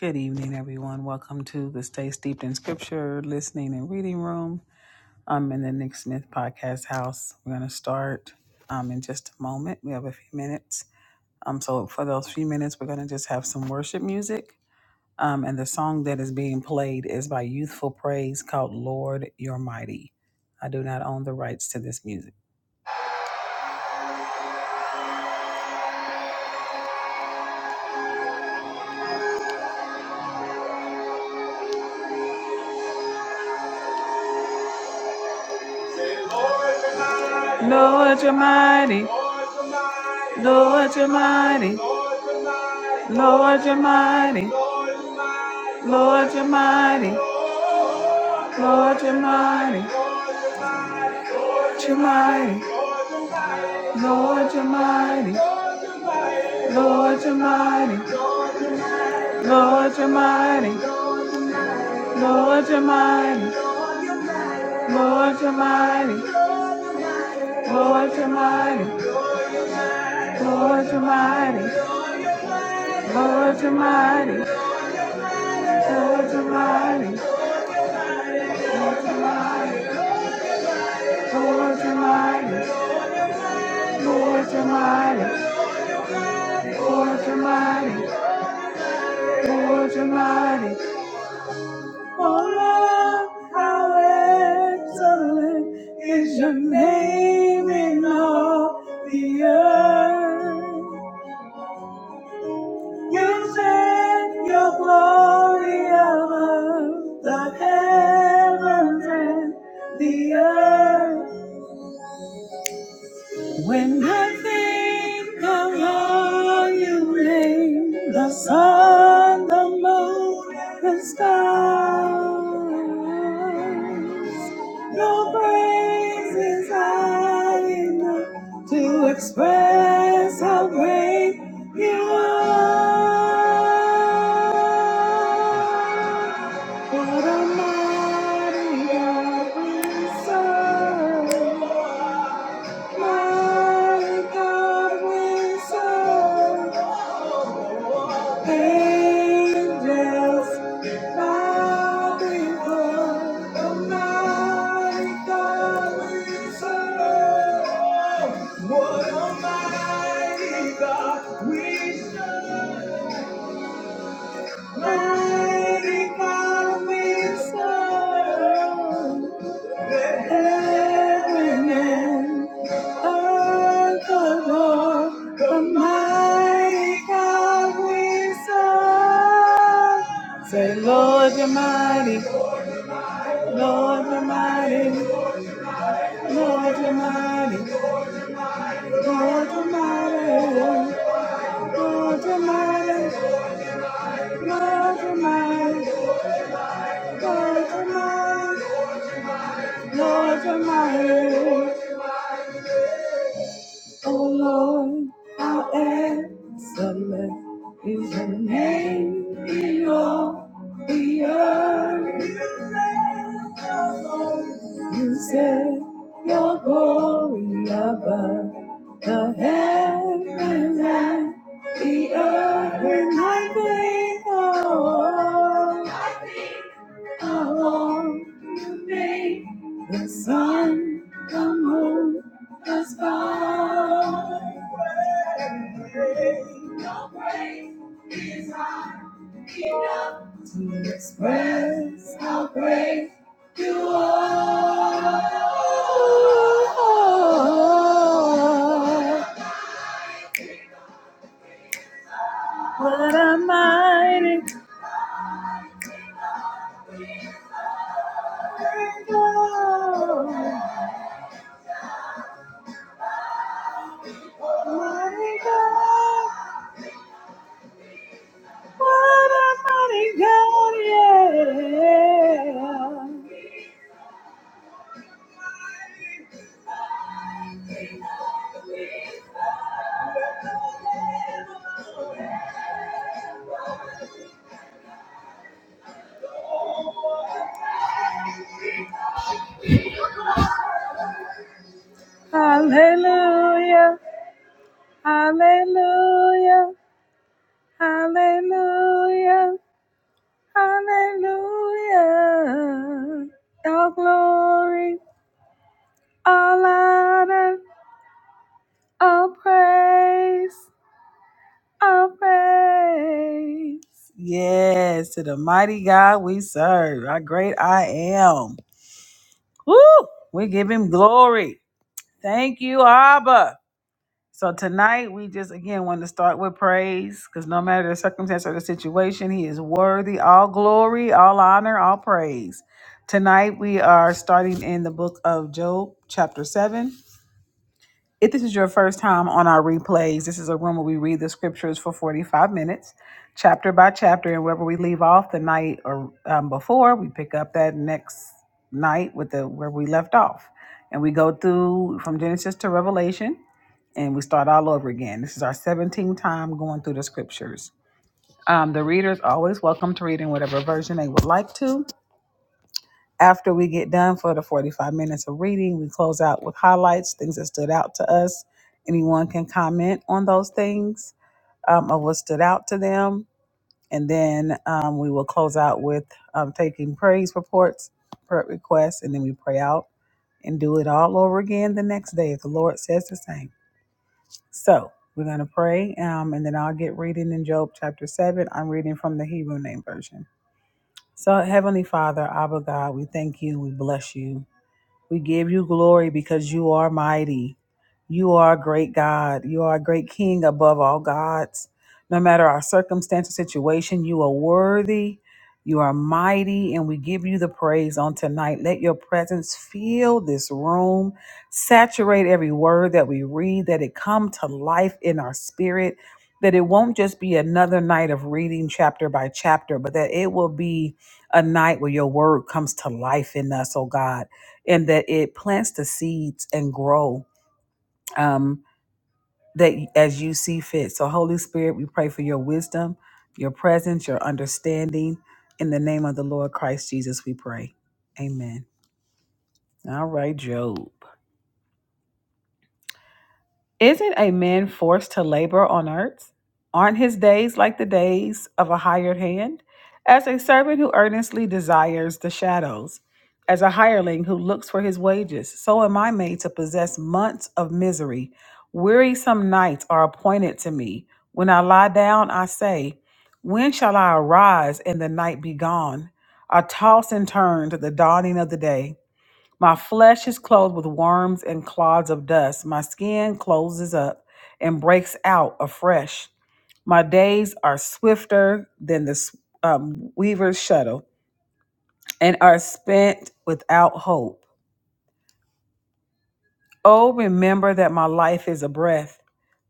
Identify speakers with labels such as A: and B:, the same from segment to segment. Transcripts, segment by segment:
A: Good evening, everyone. Welcome to the Stay Steeped in Scripture Listening and Reading Room. I'm in the Nick Smith Podcast House. We're going to start um, in just a moment. We have a few minutes. Um, so, for those few minutes, we're going to just have some worship music. Um, and the song that is being played is by Youthful Praise called Lord You're Mighty. I do not own the rights to this music. Lord, you're mighty. Lord, you're mighty. Lord, you're mighty. Lord, you're mighty. Lord, you're mighty. You're mighty. Lord, you're mighty. Lord, you're mighty. Lord, you're mighty. Lord, you're mighty. Lord, you're mighty. Lord, you're mighty. Lord, you're mighty. Lord, you're mighty. Lord, you're mighty. Lord, you're mighty. Lord, you're mighty. Lord, you're mighty. Lord, you mighty. Oh, Lord, how excellent is your name in all the earth. You set your glory above the heavens and the earth. When I think of all you made, the sun, the moon, the stars, no praise is high enough to express how great you are. What a mighty God we serve. What a mighty God we serve! Mighty God we serve! Heaven and Of the Lord, the mighty God we serve. Say, Lord, you're mighty, Lord, you're mighty, Lord, you're mighty, Lord, you're mighty, Lord, you're mighty, Lord, you're mighty, Lord, you're mighty, Lord, you're mighty. Oh Lord, our excellent is your name in all the earth. You set your glory above the heavens and the earth. And I think, oh, Come home today. The sun come home has gone. Your grace is high enough to express how great you are. What a mighty God, mighty God. What a mighty God, yeah. Hallelujah, hallelujah, hallelujah, hallelujah. All glory, all honor, all praise, all praise. Yes, to the mighty God we serve, our great I am. Woo! We give him glory. Thank you, Abba. So tonight we just again want to start with praise because no matter the circumstance or the situation, he is worthy. All glory, all honor, all praise. Tonight we are starting in the book of Job, chapter 7. If this is your first time on our replays, this is a room where we read the scriptures for 45 minutes, chapter by chapter, and wherever we leave off the night or um, before, we pick up that next night with the where we left off. And we go through from Genesis to Revelation and we start all over again. This is our 17th time going through the scriptures. Um, the readers always welcome to read in whatever version they would like to. After we get done for the 45 minutes of reading, we close out with highlights, things that stood out to us. Anyone can comment on those things um, of what stood out to them. And then um, we will close out with um, taking praise reports, prayer requests, and then we pray out and do it all over again the next day if the Lord says the same. So we're going to pray um, and then I'll get reading in Job chapter 7. I'm reading from the Hebrew name version. So, Heavenly Father, Abba God, we thank you. We bless you. We give you glory because you are mighty. You are a great God. You are a great King above all gods. No matter our circumstance or situation, you are worthy. You are mighty, and we give you the praise on tonight. Let your presence fill this room, saturate every word that we read, that it come to life in our spirit, that it won't just be another night of reading chapter by chapter, but that it will be a night where your word comes to life in us, oh God and that it plants the seeds and grow um, that as you see fit. So, Holy Spirit, we pray for your wisdom, your presence, your understanding. In the name of the Lord Christ Jesus, we pray. Amen. All right, Job. Isn't a man forced to labor on earth? Aren't his days like the days of a hired hand? As a servant who earnestly desires the shadows, as a hireling who looks for his wages, so am I made to possess months of misery. Wearisome nights are appointed to me. When I lie down, I say, When shall I arise and the night be gone? I toss and turn to the dawning of the day. My flesh is clothed with worms and clods of dust. My skin closes up and breaks out afresh. My days are swifter than the um, weaver's shuttle and are spent without hope. Oh, remember that my life is a breath.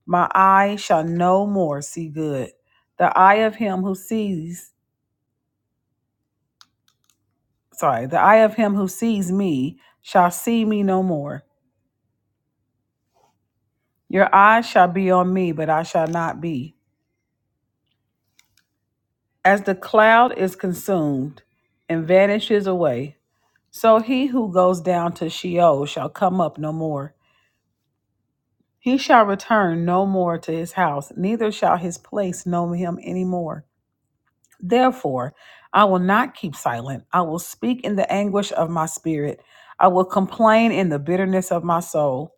A: My eye shall no more see good. The eye of him who sees, sorry, the eye of him who sees me shall see me no more. Your eye shall be on me, but I shall not be. As the cloud is consumed and vanishes away, so he who goes down to Sheol shall come up no more. He shall return no more to his house, neither shall his place know him any more. Therefore, I will not keep silent. I will speak in the anguish of my spirit. I will complain in the bitterness of my soul.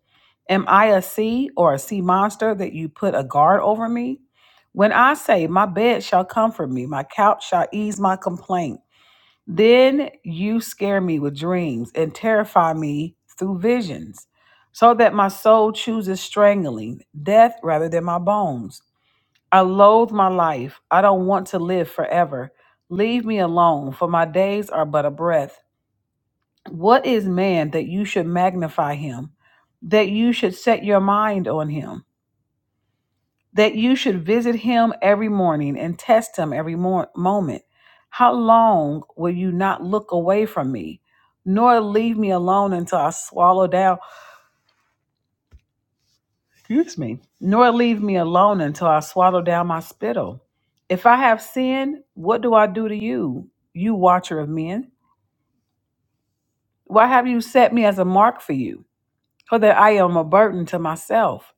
A: Am I a sea or a sea monster that you put a guard over me? When I say, My bed shall comfort me, my couch shall ease my complaint. Then you scare me with dreams and terrify me through visions, so that my soul chooses strangling, death rather than my bones. I loathe my life. I don't want to live forever. Leave me alone, for my days are but a breath. What is man that you should magnify him, that you should set your mind on him? that you should visit him every morning and test him every mor- moment. How long will you not look away from me, nor leave me alone until I swallow down, excuse me, nor leave me alone until I swallow down my spittle? If I have sinned, what do I do to you, you watcher of men? Why have you set me as a mark for you? or that I am a burden to myself?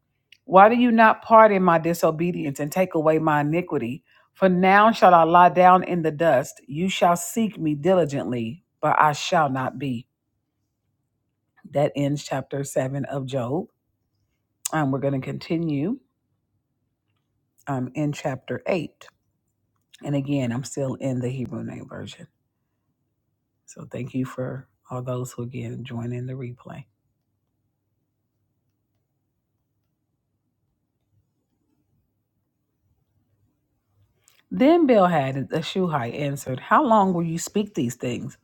A: Why do you not pardon my disobedience and take away my iniquity? For now shall I lie down in the dust. You shall seek me diligently, but I shall not be. That ends chapter 7 of Job. And we're going to continue um, in chapter 8. And again, I'm still in the Hebrew name version. So thank you for all those who again join in the replay. Then Bilhad the Shuhite answered, How long will you speak these things?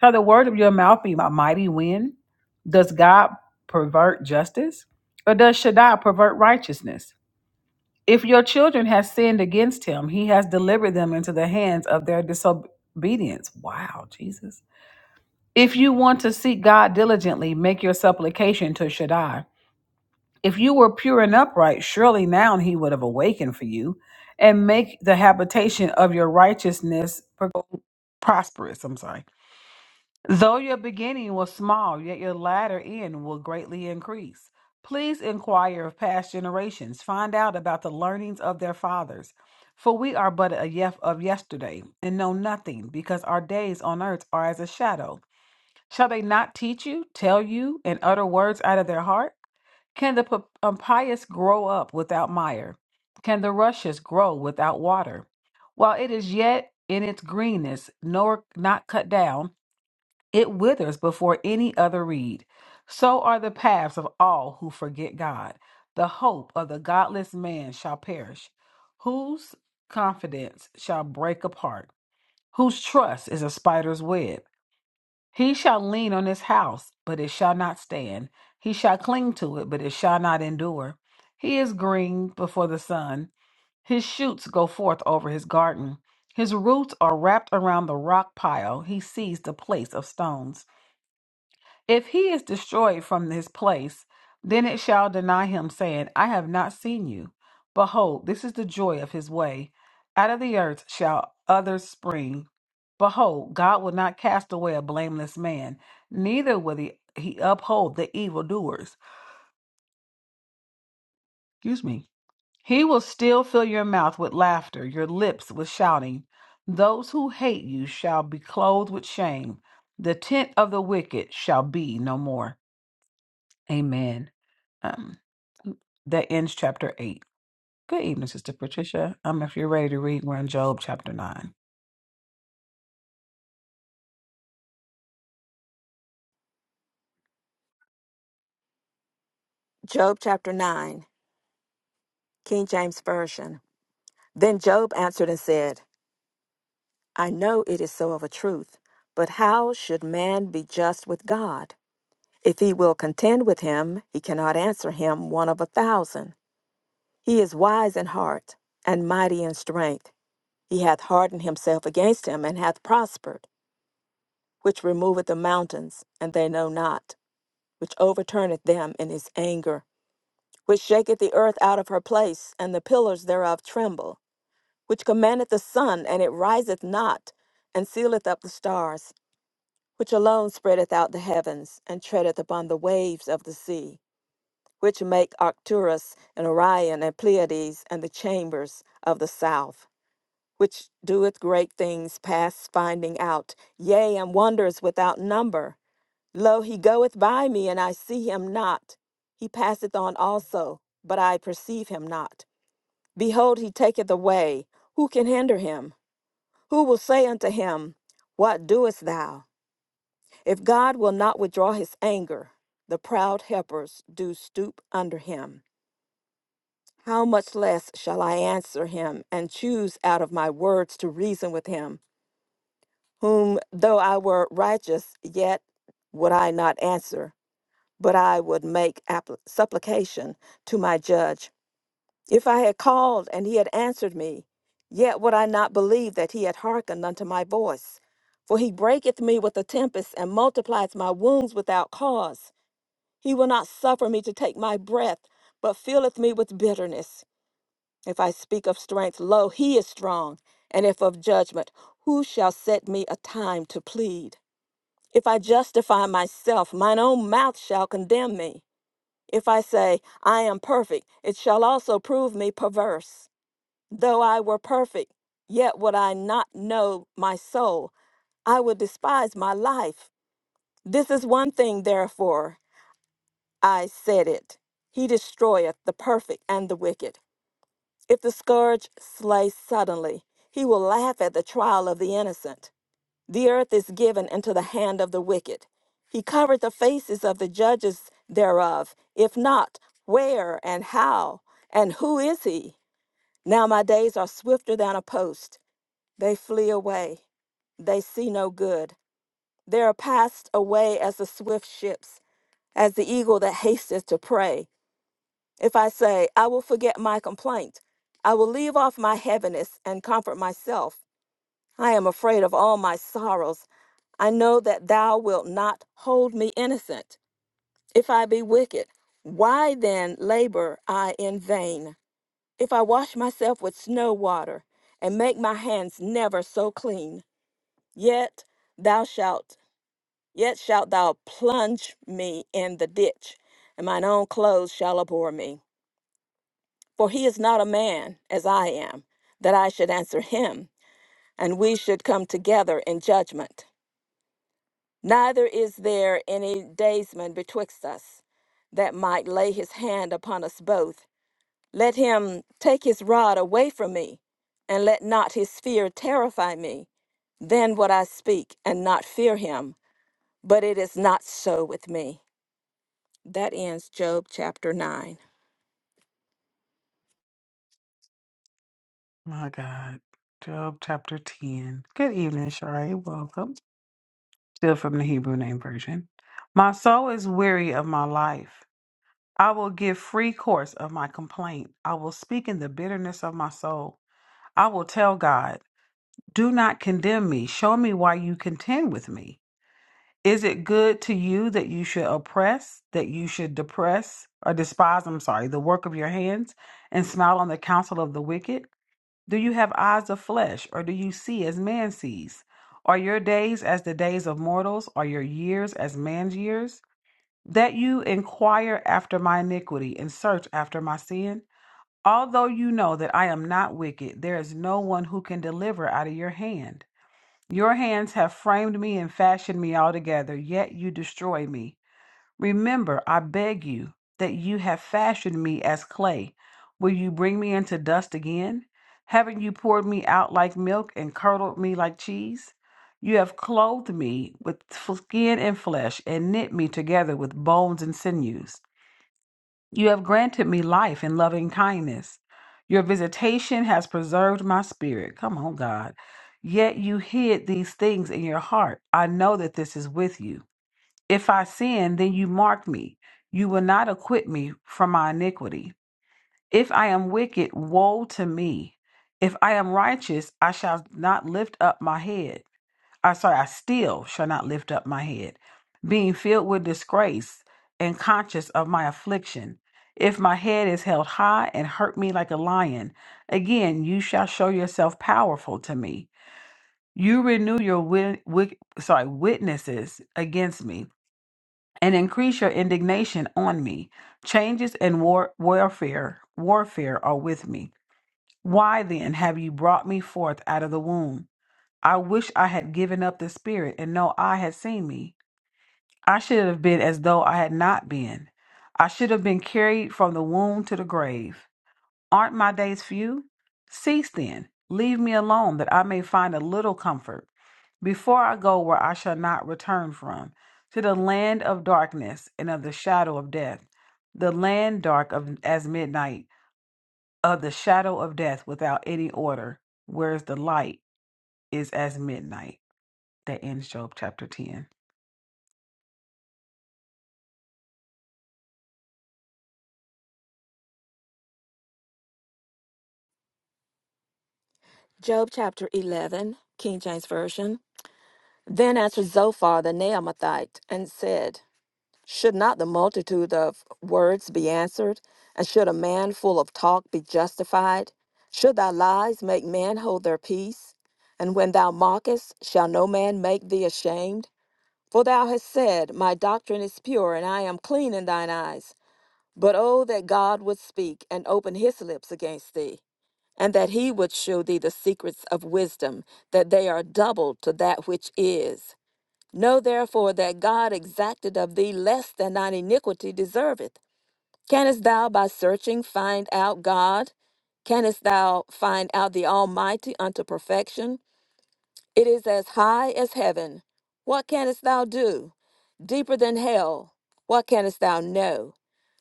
A: Shall the word of your mouth be a mighty wind? Does God pervert justice? Or does Shaddai pervert righteousness? If your children have sinned against him, he has delivered them into the hands of their disobedience. Wow, Jesus. If you want to seek God diligently, make your supplication to Shaddai. If you were pure and upright, surely now he would have awakened for you and make the habitation of your righteousness prosperous. I'm sorry. Though your beginning was small, yet your latter end will greatly increase. Please inquire of past generations, find out about the learnings of their fathers. For we are but a yef of yesterday, and know nothing, because our days on earth are as a shadow. Shall they not teach you, tell you, and utter words out of their heart? Can the p- impious grow up without mire? Can the rushes grow without water? While it is yet in its greenness, nor not cut down, it withers before any other reed. So are the paths of all who forget God. The hope of the godless man shall perish. Whose confidence shall break apart? Whose trust is a spider's web? He shall lean on his house, but it shall not stand. He shall cling to it, but it shall not endure. He is green before the sun. His shoots go forth over his garden. His roots are wrapped around the rock pile. He sees the place of stones. If he is destroyed from this place, then it shall deny him, saying, I have not seen you. Behold, this is the joy of his way. Out of the earth shall others spring. Behold, God will not cast away a blameless man, neither will he, he uphold the evildoers. Excuse me. He will still fill your mouth with laughter, your lips with shouting. Those who hate you shall be clothed with shame. The tent of the wicked shall be no more. Amen. Um, that ends chapter 8. Good evening, Sister Patricia. Um, if you're ready to read, we're in Job chapter 9.
B: Job chapter 9, King James Version. Then Job answered and said, I know it is so of a truth, but how should man be just with God? If he will contend with him, he cannot answer him one of a thousand. He is wise in heart and mighty in strength. He hath hardened himself against him and hath prospered, which removeth the mountains, and they know not, which overturneth them in his anger, which shaketh the earth out of her place, and the pillars thereof tremble. which commandeth the sun, and it riseth not, and sealeth up the stars, which alone spreadeth out the heavens, and treadeth upon the waves of the sea, which make Arcturus and Orion and Pleiades and the chambers of the south, which doeth great things past finding out, yea, and wonders without number. Lo, he goeth by me, and I see him not. He passeth on also, but I perceive him not. Behold, he taketh away. Who can hinder him? Who will say unto him, What doest thou? If God will not withdraw his anger, the proud helpers do stoop under him. How much less shall I answer him and choose out of my words to reason with him, whom though I were righteous, yet would I not answer, but I would make appli- supplication to my judge If I had called and he had answered me, yet would I not believe that he had hearkened unto my voice. For he breaketh me with a tempest and multiplieth my wounds without cause. He will not suffer me to take my breath, but filleth me with bitterness. If I speak of strength, lo, he is strong. And if of judgment, who shall set me a time to plead? If I justify myself, mine own mouth shall condemn me. If I say, I am perfect, it shall also prove me perverse. Though I were perfect, yet would I not know my soul. I would despise my life. This is one thing, therefore, I said it. He destroyeth the perfect and the wicked. If the scourge slay suddenly, he will laugh at the trial of the innocent. The earth is given into the hand of the wicked. He covered the faces of the judges thereof. If not, where and how? And who is he? Now my days are swifter than a post. They flee away. They see no good. They are passed away as the swift ships, as the eagle that hasteth to prey. If I say, I will forget my complaint, I will leave off my heaviness and comfort myself. I am afraid of all my sorrows. I know that thou wilt not hold me innocent. If I be wicked, why then labor I in vain? If I wash myself with snow water, and make my hands never so clean, Yet thou shalt, yet shalt thou plunge me in the ditch, and mine own clothes shall abhor me. For he is not a man as I am, that I should answer him, and we should come together in judgment. Neither is there any daysman betwixt us, that might lay his hand upon us both. Let him take his rod away from me, and let not his fear terrify me. Then would I speak and not fear him But it is not so with me. That ends Job chapter 9.
A: My God. Job chapter 10. Good evening, Shari. Welcome. Still from the Hebrew name version. My soul is weary of my life. I will give free course of my complaint. I will speak in the bitterness of my soul. I will tell God, Do not condemn me. Show me why you contend with me. Is it good to you that you should oppress, that you should depress or despise, I'm sorry, the work of your hands and smile on the counsel of the wicked? Do you have eyes of flesh, or do you see as man sees? Are your days as the days of mortals? Are your years as man's years? That you inquire after my iniquity and search after my sin? Although you know that I am not wicked, there is no one who can deliver out of your hand. Your hands have framed me and fashioned me altogether, yet you destroy me. Remember, I beg you, that you have fashioned me as clay. Will you bring me into dust again? Haven't you poured me out like milk and curdled me like cheese? You have clothed me with f- skin and flesh and knit me together with bones and sinews. You have granted me life and loving kindness. Your visitation has preserved my spirit. Come on, God. Yet you hid these things in your heart. I know that this is with you. If I sin, then you mark me. You will not acquit me from my iniquity. If I am wicked, woe to me. If I am righteous, I shall not lift up my head. I sorry, I still shall not lift up my head, being filled with disgrace and conscious of my affliction. If my head is held high and hurt me like a lion, again you shall show yourself powerful to me. You renew your wit- wit- sorry witnesses against me and increase your indignation on me. Changes and war- warfare, warfare are with me. Why then have you brought me forth out of the womb? I wish I had given up the spirit and no eye had seen me. I should have been as though I had not been. I should have been carried from the womb to the grave. Aren't my days few? Cease then, leave me alone, that I may find a little comfort. Before I go where I shall not return from, to the land of darkness and of the shadow of death, the land dark of, as midnight, of the shadow of death without any order, whereas the light is as midnight that ends Job chapter 10.
B: Job chapter 11, King James Version. Then answered Zophar the Naamathite and said, Should not the multitude of words be answered? And should a man full of talk be justified? Should thy lies make men hold their peace? And when thou mockest, shall no man make thee ashamed? For thou hast said, My doctrine is pure, and I am clean in thine eyes. But oh, that God would speak and open his lips against thee, and that he would show thee the secrets of wisdom, that they are double to that which is. Know therefore that God exacted of thee less than thine iniquity deserveth. Canst thou by searching find out God? Canst thou find out the Almighty unto perfection? It is as high as heaven. What canst thou do? Deeper than hell. What canst thou know?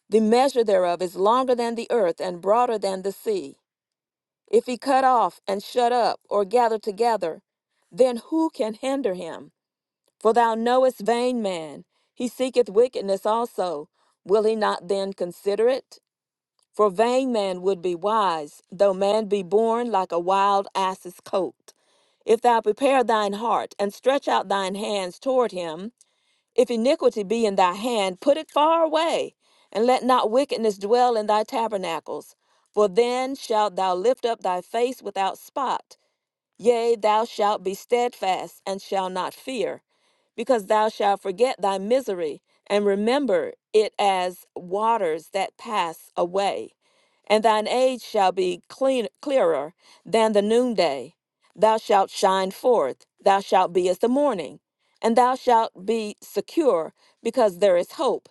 B: The measure thereof is longer than the earth and broader than the sea. If he cut off and shut up or gather together, then who can hinder him? For thou knowest vain man, he seeketh wickedness also. Will he not then consider it? For vain man would be wise, though man be born like a wild ass's colt. If thou prepare thine heart and stretch out thine hands toward him, if iniquity be in thy hand, put it far away, and let not wickedness dwell in thy tabernacles. For then shalt thou lift up thy face without spot, Yea, thou shalt be steadfast and shall not fear, because thou shalt forget thy misery and remember it as waters that pass away. And thine age shall be clean, clearer than the noonday. Thou shalt shine forth, thou shalt be as the morning, and thou shalt be secure, because there is hope.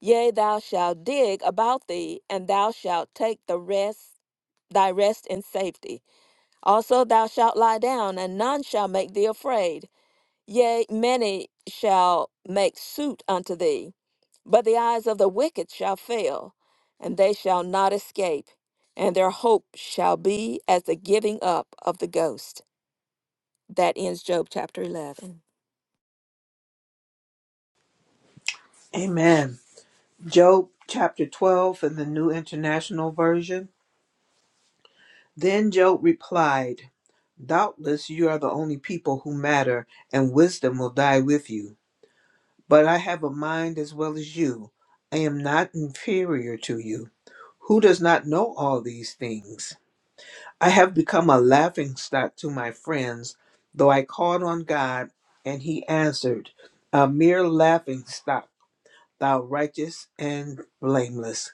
B: Yea, thou shalt dig about thee, and thou shalt take the rest, thy rest in safety also, thou shalt lie down, and none shall make thee afraid. Yea, many shall make suit unto thee. But the eyes of the wicked shall fail, and they shall not escape, and their hope shall be as the giving up of the ghost. That ends Job chapter 11.
C: Amen. Job chapter 12 in the New International Version. Then Job replied, Doubtless you are the only people who matter, and wisdom will die with you. But I have a mind as well as you. I am not inferior to you. Who does not know all these things? I have become a laughingstock to my friends, though I called on God, and he answered, A mere laughingstock, thou righteous and blameless.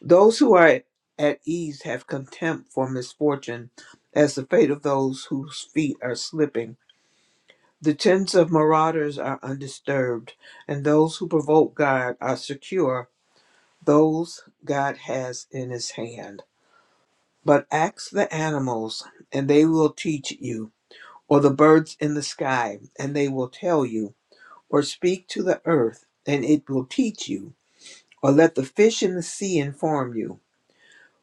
C: Those who are at ease have contempt for misfortune, as the fate of those whose feet are slipping. The tents of marauders are undisturbed, and those who provoke God are secure, those God has in his hand. But ask the animals, and they will teach you, or the birds in the sky, and they will tell you, or speak to the earth, and it will teach you, or let the fish in the sea inform you.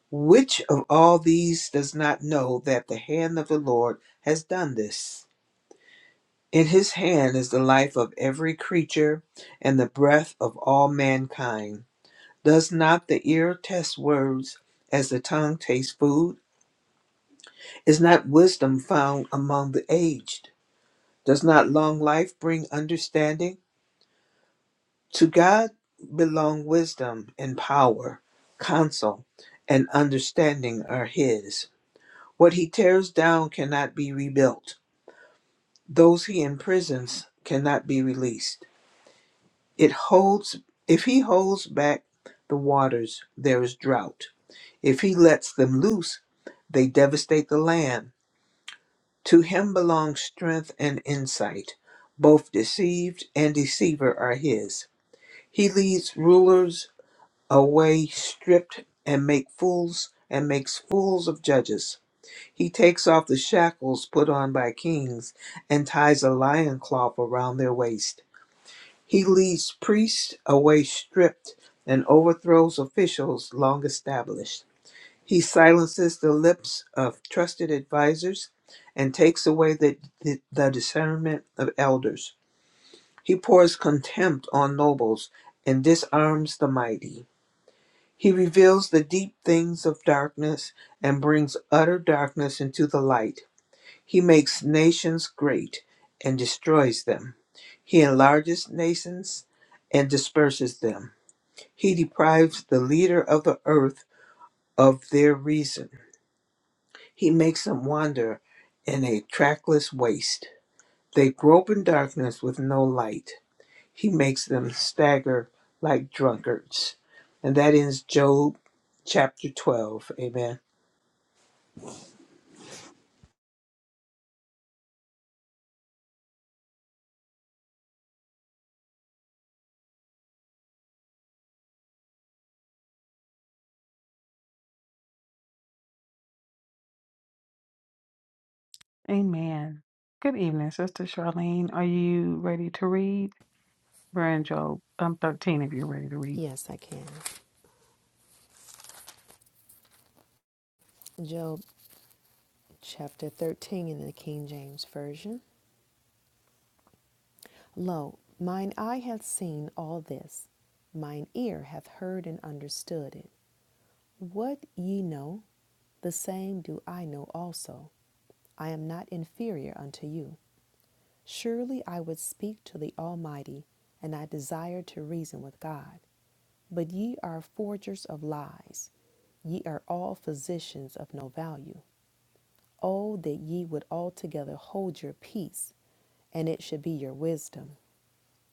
C: Which of all these does not know that the hand of the Lord has done this? In his hand is the life of every creature and the breath of all mankind. Does not the ear taste words as the tongue tastes food? Is not wisdom found among the aged? Does not long life bring understanding? To God belong wisdom and power, counsel and understanding are his. What he tears down cannot be rebuilt. Those he imprisons cannot be released. It holds if he holds back the waters, there is drought. If he lets them loose, they devastate the land. To him belong strength and insight. Both deceived and deceiver are his. He leads rulers away stripped and make fools and makes fools of judges. He takes off the shackles put on by kings and ties a lion cloth around their waist. He leads priests away stripped and overthrows officials long established. He silences the lips of trusted advisors and takes away the, the, the discernment of elders. He pours contempt on nobles and disarms the mighty. He reveals the deep things of darkness and brings utter darkness into the light. He makes nations great and destroys them. He enlarges nations and disperses them. He deprives the leader of the earth of their reason. He makes them wander in a trackless waste. They grope in darkness with no light. He makes them stagger like drunkards. And that ends Job chapter 12. Amen.
A: Amen. Good evening, Sister Charlene. Are you ready to read? We're in Job um, 13 if you're ready to read.
D: Yes, I can. Job chapter 13 in the King James Version. Lo, mine eye hath seen all this, mine ear hath heard and understood it. What ye know, the same do I know also. I am not inferior unto you. Surely I would speak to the Almighty, and I desire to reason with God. But ye are forgers of lies, ye are all physicians of no value. Oh, that ye would altogether hold your peace and it should be your wisdom.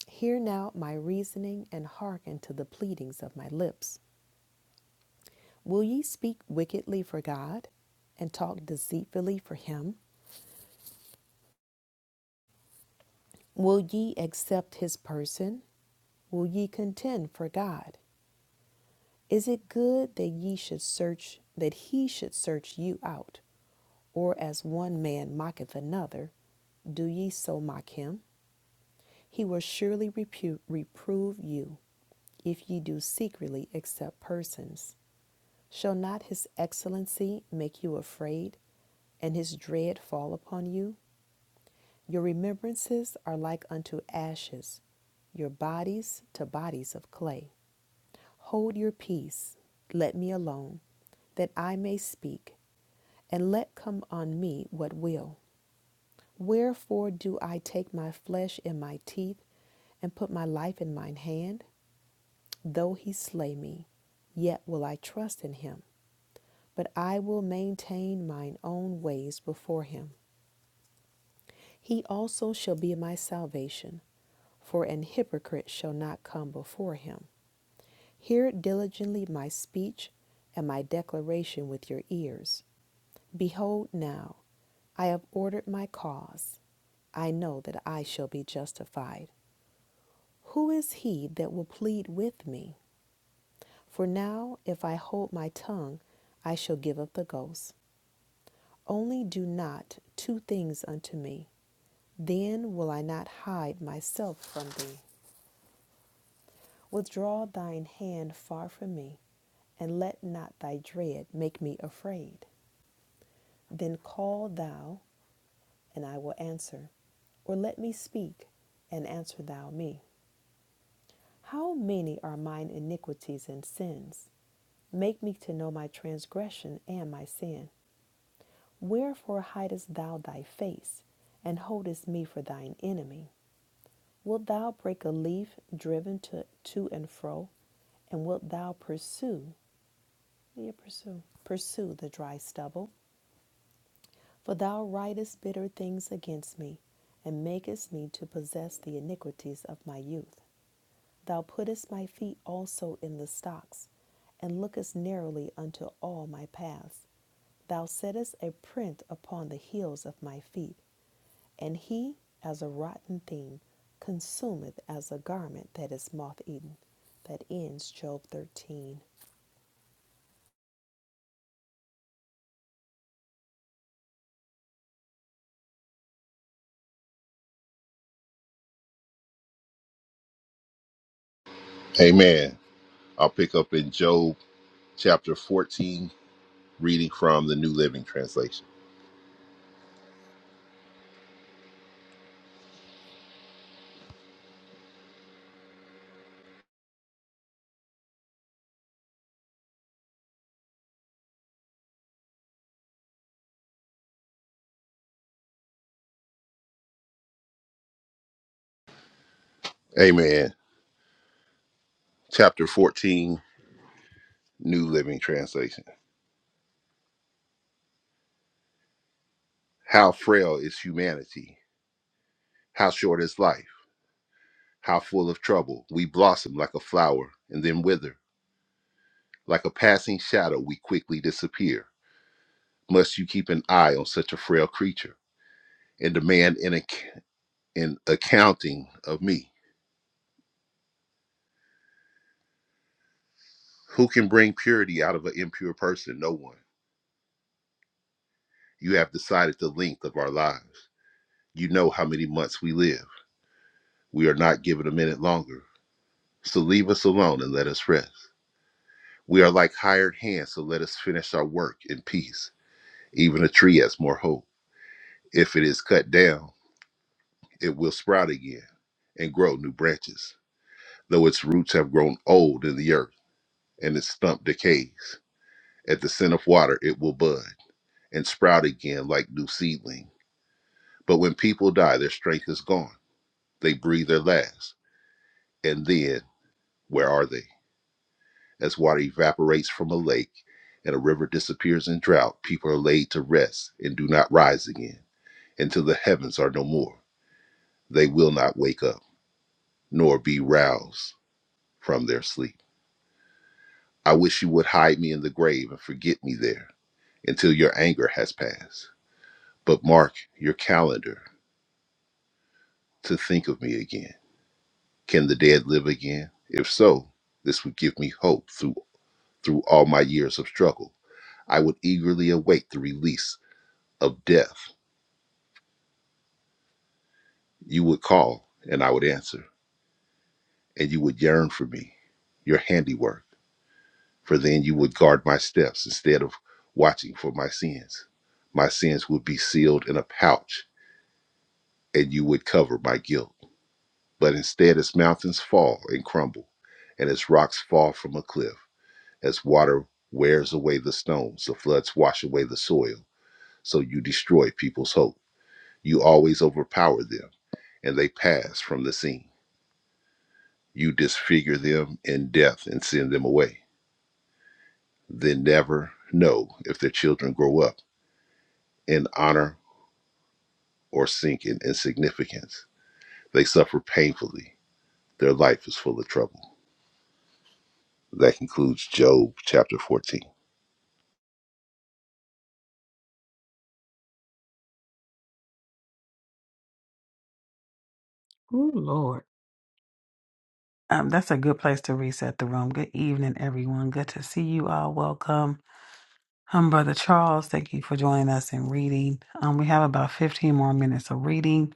D: Hear now my reasoning, and hearken to the pleadings of my lips. Will ye speak wickedly for God, and talk deceitfully for him? Will ye accept his person? Will ye contend for God? Is it good that ye should search, that he should search you out? Or as one man mocketh another, do ye so mock him? He will surely repu- reprove you if ye do secretly accept persons. Shall not his excellency make you afraid, and his dread fall upon you? Your remembrances are like unto ashes, your bodies to bodies of clay. Hold your peace, let me alone, that I may speak, and let come on me what will. Wherefore do I take my flesh in my teeth, and put my life in mine hand? Though he slay me, yet will I trust in him. but I will maintain mine own ways before him. He also shall be my salvation, for an hypocrite shall not come before him. Hear diligently my speech and my declaration with your ears. Behold, now I have ordered my cause. I know that I shall be justified. Who is he that will plead with me? For now, if I hold my tongue, I shall give up the ghost. Only do not two things unto me. Then will I not hide myself from thee. Withdraw thine hand far from me, and let not thy dread make me afraid. Then call thou, and I will answer, or let me speak, and answer thou me. How many are mine iniquities and sins? Make me to know my transgression and my sin. Wherefore hidest thou thy face, and holdest me for thine enemy? Wilt thou break a leaf driven to, to and fro? And wilt thou pursue, yeah, pursue, pursue the dry stubble? For thou writest bitter things against me, and makest me to possess the iniquities of my youth. Thou puttest my feet also in the stocks, and lookest narrowly unto all my paths. Thou settest a print upon the heels of my feet. and he, as a rotten thing, consumeth as a garment that is moth eaten. That ends Job 13.
E: Amen. I'll pick up in Job chapter 14, reading from the New Living Translation. Amen. Chapter 14, New Living Translation. How frail is humanity? How short is life? How full of trouble? We blossom like a flower and then wither. Like a passing shadow, we quickly disappear. Must you keep an eye on such a frail creature and demand an, ac- an accounting of me? Who can bring purity out of an impure person? No one. You have decided the length of our lives. You know how many months we live. We are not given a minute longer. So leave us alone and let us rest. We are like hired hands, so let us finish our work in peace. Even a tree has more hope. If it is cut down, it will sprout again and grow new branches, though its roots have grown old in the earth and its stump decays. At the scent of water, it will bud and sprout again like new seedling. But when people die, their strength is gone. They breathe their last and then. Where are they? As water evaporates from a lake and a river disappears in drought, people are laid to rest and do not rise again until the heavens are no more. They will not wake up nor be roused from their sleep. I wish you would hide me in the grave and forget me there until your anger has passed. But mark your calendar to think of me again. Can the dead live again? If so, this would give me hope through through all my years of struggle. I would eagerly await the release of death, you would call and I would answer, and you would yearn for me, your handiwork. For then you would guard my steps instead of watching for my sins. My sins would be sealed in a pouch, and you would cover my guilt. But instead, as mountains fall and crumble, and as rocks fall from a cliff, as water wears away the stones, the floods wash away the soil, so you destroy people's hope. You always overpower them, and they pass from the scene. you disfigure them in death and send them away. They never know if their children grow up in honor or sink in insignificance. They suffer painfully. Their life is full of trouble. That concludes Job chapter 14.
A: oh Lord. Um, that's a good place to reset the room. Good evening, everyone. Good to see you all. Welcome. Um, Brother Charles, thank you for joining us in reading. Um, we have about 15 more minutes of reading.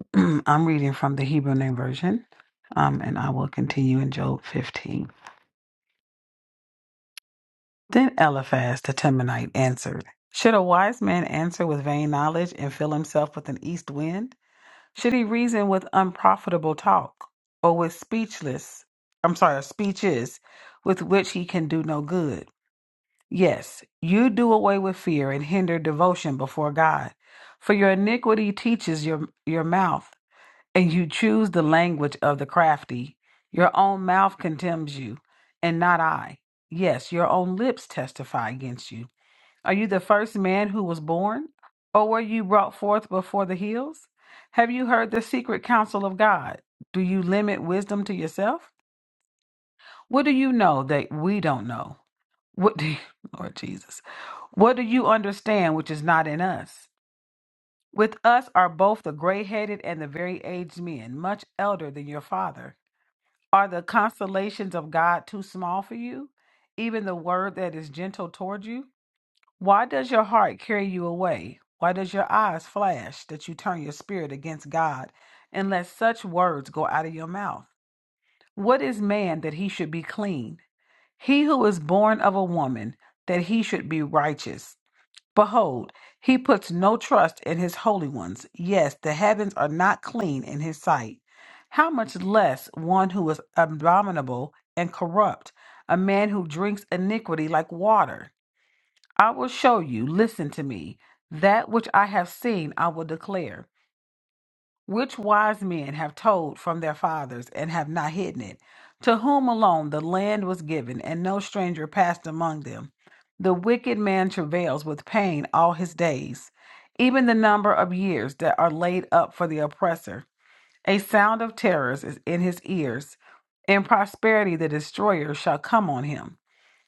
A: I'm reading from the Hebrew Name Version, um, and I will continue in Job 15. Then Eliphaz the Temanite answered, Should a wise man answer with vain knowledge and fill himself with an east wind? Should he reason with unprofitable talk, or with speechless, I'm sorry, speeches with which he can do no good? Yes, you do away with fear and hinder devotion before God. For your iniquity teaches your, your mouth, and you choose the language of the crafty. Your own mouth condemns you, and not I. Yes, your own lips testify against you. Are you the first man who was born? Or were you brought forth before the hills? Have you heard the secret counsel of God? Do you limit wisdom to yourself? What do you know that we don't know? What do you, Lord Jesus? What do you understand which is not in us? With us are both the gray headed and the very aged men, much elder than your father. Are the consolations of God too small for you? Even the word that is gentle toward you? Why does your heart carry you away? Why does your eyes flash that you turn your spirit against God and let such words go out of your mouth? What is man that he should be clean? He who is born of a woman, that he should be righteous. Behold, he puts no trust in his holy ones. Yes, the heavens are not clean in his sight. How much less one who is abominable and corrupt, a man who drinks iniquity like water? I will show you, listen to me, that which I have seen I will declare. Which wise men have told from their fathers and have not hidden it? To whom alone the land was given, and no stranger passed among them. The wicked man travails with pain all his days, even the number of years that are laid up for the oppressor. A sound of terrors is in his ears. In prosperity, the destroyer shall come on him.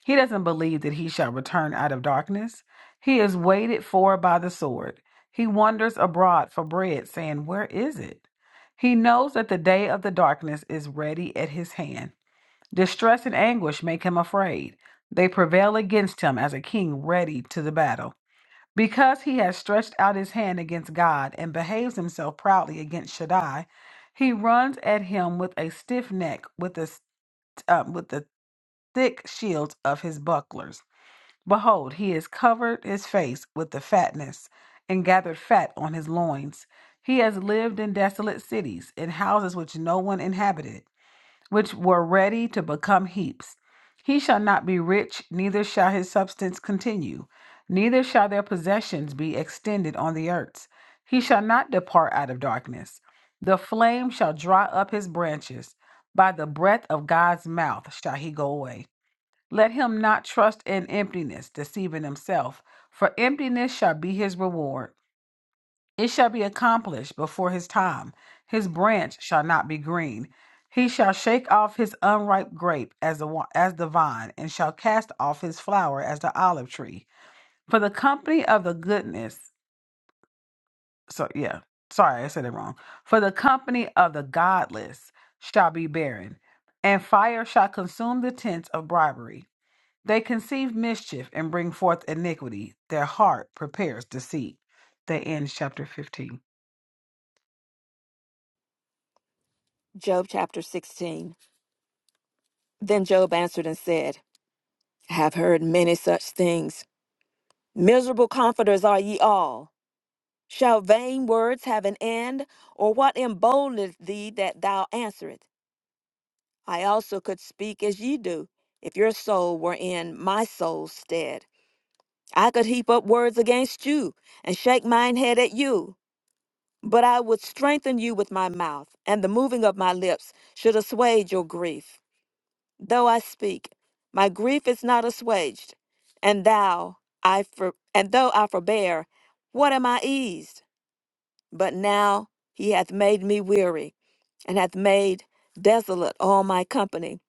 A: He doesn't believe that he shall return out of darkness. He is waited for by the sword. He wanders abroad for bread, saying, Where is it? He knows that the day of the darkness is ready at his hand. Distress and anguish make him afraid. They prevail against him as a king ready to the battle. Because he has stretched out his hand against God and behaves himself proudly against Shaddai, he runs at him with a stiff neck, with, a, uh, with the thick shields of his bucklers. Behold, he has covered his face with the fatness, and gathered fat on his loins. He has lived in desolate cities, in houses which no one inhabited, which were ready to become heaps. He shall not be rich, neither shall his substance continue, neither shall their possessions be extended on the earth. He shall not depart out of darkness. The flame shall dry up his branches. By the breath of God's mouth shall he go away. Let him not trust in emptiness, deceiving himself, for emptiness shall be his reward. It shall be accomplished before his time. His branch shall not be green. He shall shake off his unripe grape as the, wi- as the vine, and shall cast off his flower as the olive tree. For the company of the goodness, so yeah, sorry, I said it wrong. For the company of the godless shall be barren, and fire shall consume the tents of bribery. They conceive mischief and bring forth iniquity. Their heart prepares deceit. They end chapter 15.
B: Job chapter 16. Then Job answered and said, I have heard many such things. Miserable comforters are ye all. Shall vain words have an end, or what emboldeneth thee that thou answerest? I also could speak as ye do, if your soul were in my soul's stead. I could heap up words against you, and shake mine head at you. But I would strengthen you with my mouth, and the moving of my lips should assuage your grief. Though I speak, my grief is not assuaged, and thou, I for, and though I forbear, what am I eased? But now he hath made me weary, and hath made desolate all my company.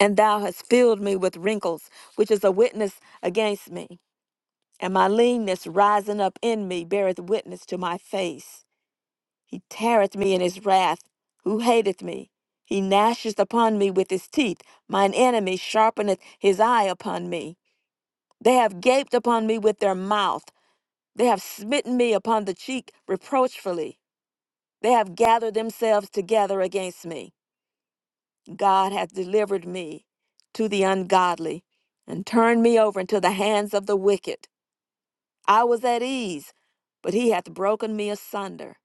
B: And thou hast filled me with wrinkles, which is a witness against me. And my leanness rising up in me beareth witness to my face. He teareth me in his wrath, who hateth me. He gnasheth upon me with his teeth. Mine enemy sharpeneth his eye upon me. They have gaped upon me with their mouth. They have smitten me upon the cheek reproachfully. They have gathered themselves together against me. God hath delivered me to the ungodly and turned me over into the hands of the wicked. I was at ease, but he hath broken me asunder.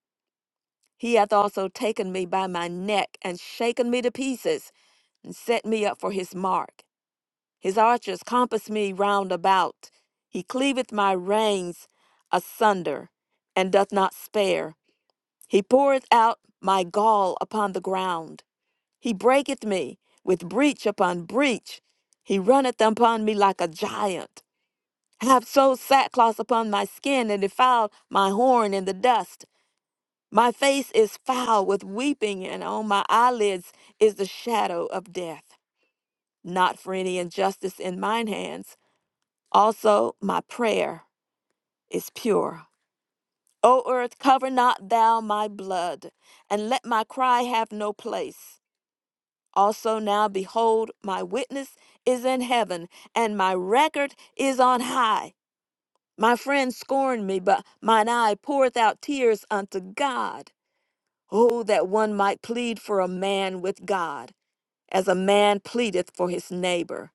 B: He hath also taken me by my neck and shaken me to pieces and set me up for his mark. His archers compass me round about. He cleaveth my reins asunder and doth not spare. He poureth out my gall upon the ground. He breaketh me with breach upon breach. He runneth upon me like a giant. I have sewed sackcloth upon my skin and defiled my horn in the dust. My face is foul with weeping, and on my eyelids is the shadow of death. Not for any injustice in mine hands. Also, my prayer is pure. O earth, cover not thou my blood, and let my cry have no place. Also now, behold, my witness is in heaven, and my record is on high. My friends scorned me, but mine eye poureth out tears unto God. Oh, that one might plead for a man with God, as a man pleadeth for his neighbor.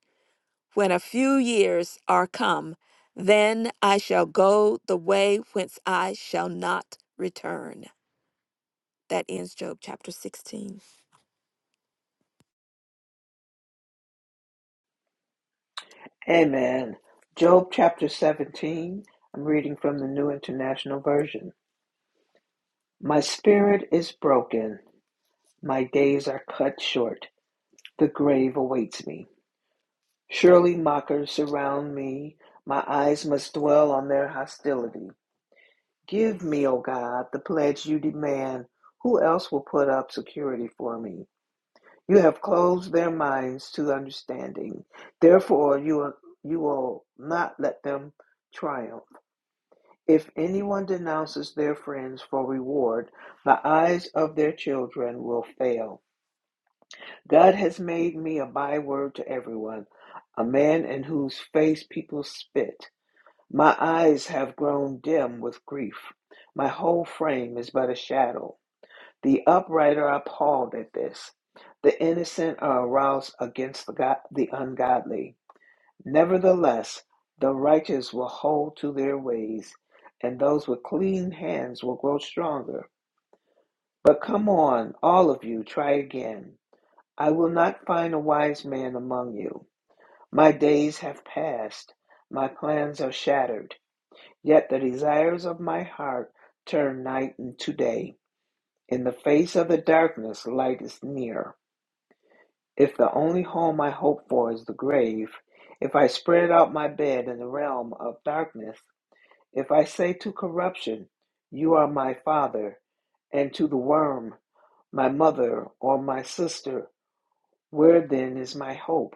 B: When a few years are come, then I shall go the way whence I shall not return. That ends Job chapter 16.
C: Amen. Job chapter 17. I'm reading from the New International Version. My spirit is broken. My days are cut short. The grave awaits me. Surely mockers surround me. My eyes must dwell on their hostility. Give me, O God, the pledge you demand. Who else will put up security for me? You have closed their minds to understanding. Therefore, you, you will not let them triumph. If anyone denounces their friends for reward, the eyes of their children will fail. God has made me a byword to everyone, a man in whose face people spit. My eyes have grown dim with grief. My whole frame is but a shadow. The upright are appalled at this. The innocent are aroused against the, go- the ungodly. Nevertheless, the righteous will hold to their ways, and those with clean hands will grow stronger. But come on, all of you, try again. I will not find a wise man among you. My days have passed. My plans are shattered. Yet the desires of my heart turn night into day. In the face of the darkness, light is near. If the only home I hope for is the grave, if I spread out my bed in the realm of darkness, if I say to corruption, You are my father, and to the worm, My mother or my sister, where then is my hope?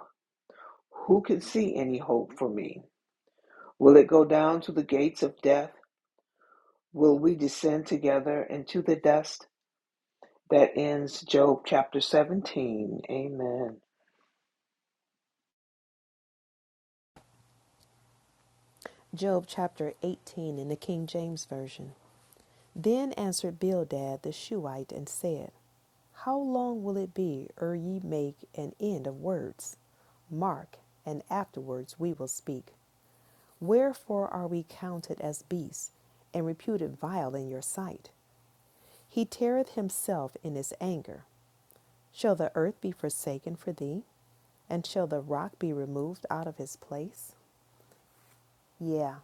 C: Who can see any hope for me? Will it go down to the gates of death? Will we descend together into the dust? That ends Job chapter 17. Amen.
D: Job chapter 18 in the King James Version. Then answered Bildad the Shuhite and said, How long will it be ere ye make an end of words? Mark, and afterwards we will speak. Wherefore are we counted as beasts, and reputed vile in your sight? He teareth himself in his anger, Shall the earth be forsaken for thee? And shall the rock be removed out of his place? Yeah,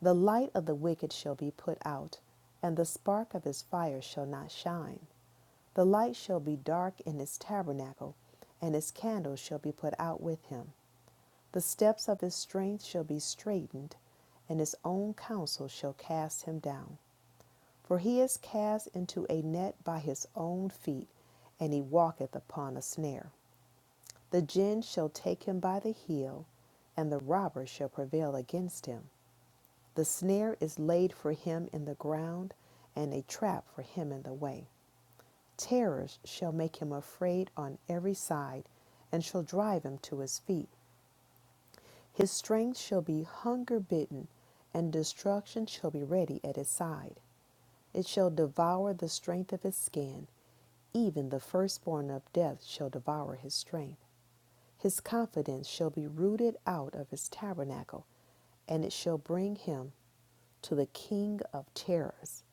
D: the light of the wicked shall be put out, and the spark of his fire shall not shine. The light shall be dark in his tabernacle, and his candle shall be put out with him. The steps of his strength shall be straightened, and his own counsel shall cast him down. For he is cast into a net by his own feet, and he walketh upon a snare. The gin shall take him by the heel, and the robber shall prevail against him. The snare is laid for him in the ground, and a trap for him in the way. Terrors shall make him afraid on every side, and shall drive him to his feet. His strength shall be hunger bitten, and destruction shall be ready at his side. It shall devour the strength of his skin, even the firstborn of death shall devour his strength. His confidence shall be rooted out of his tabernacle, and it shall bring him to the king of terrors.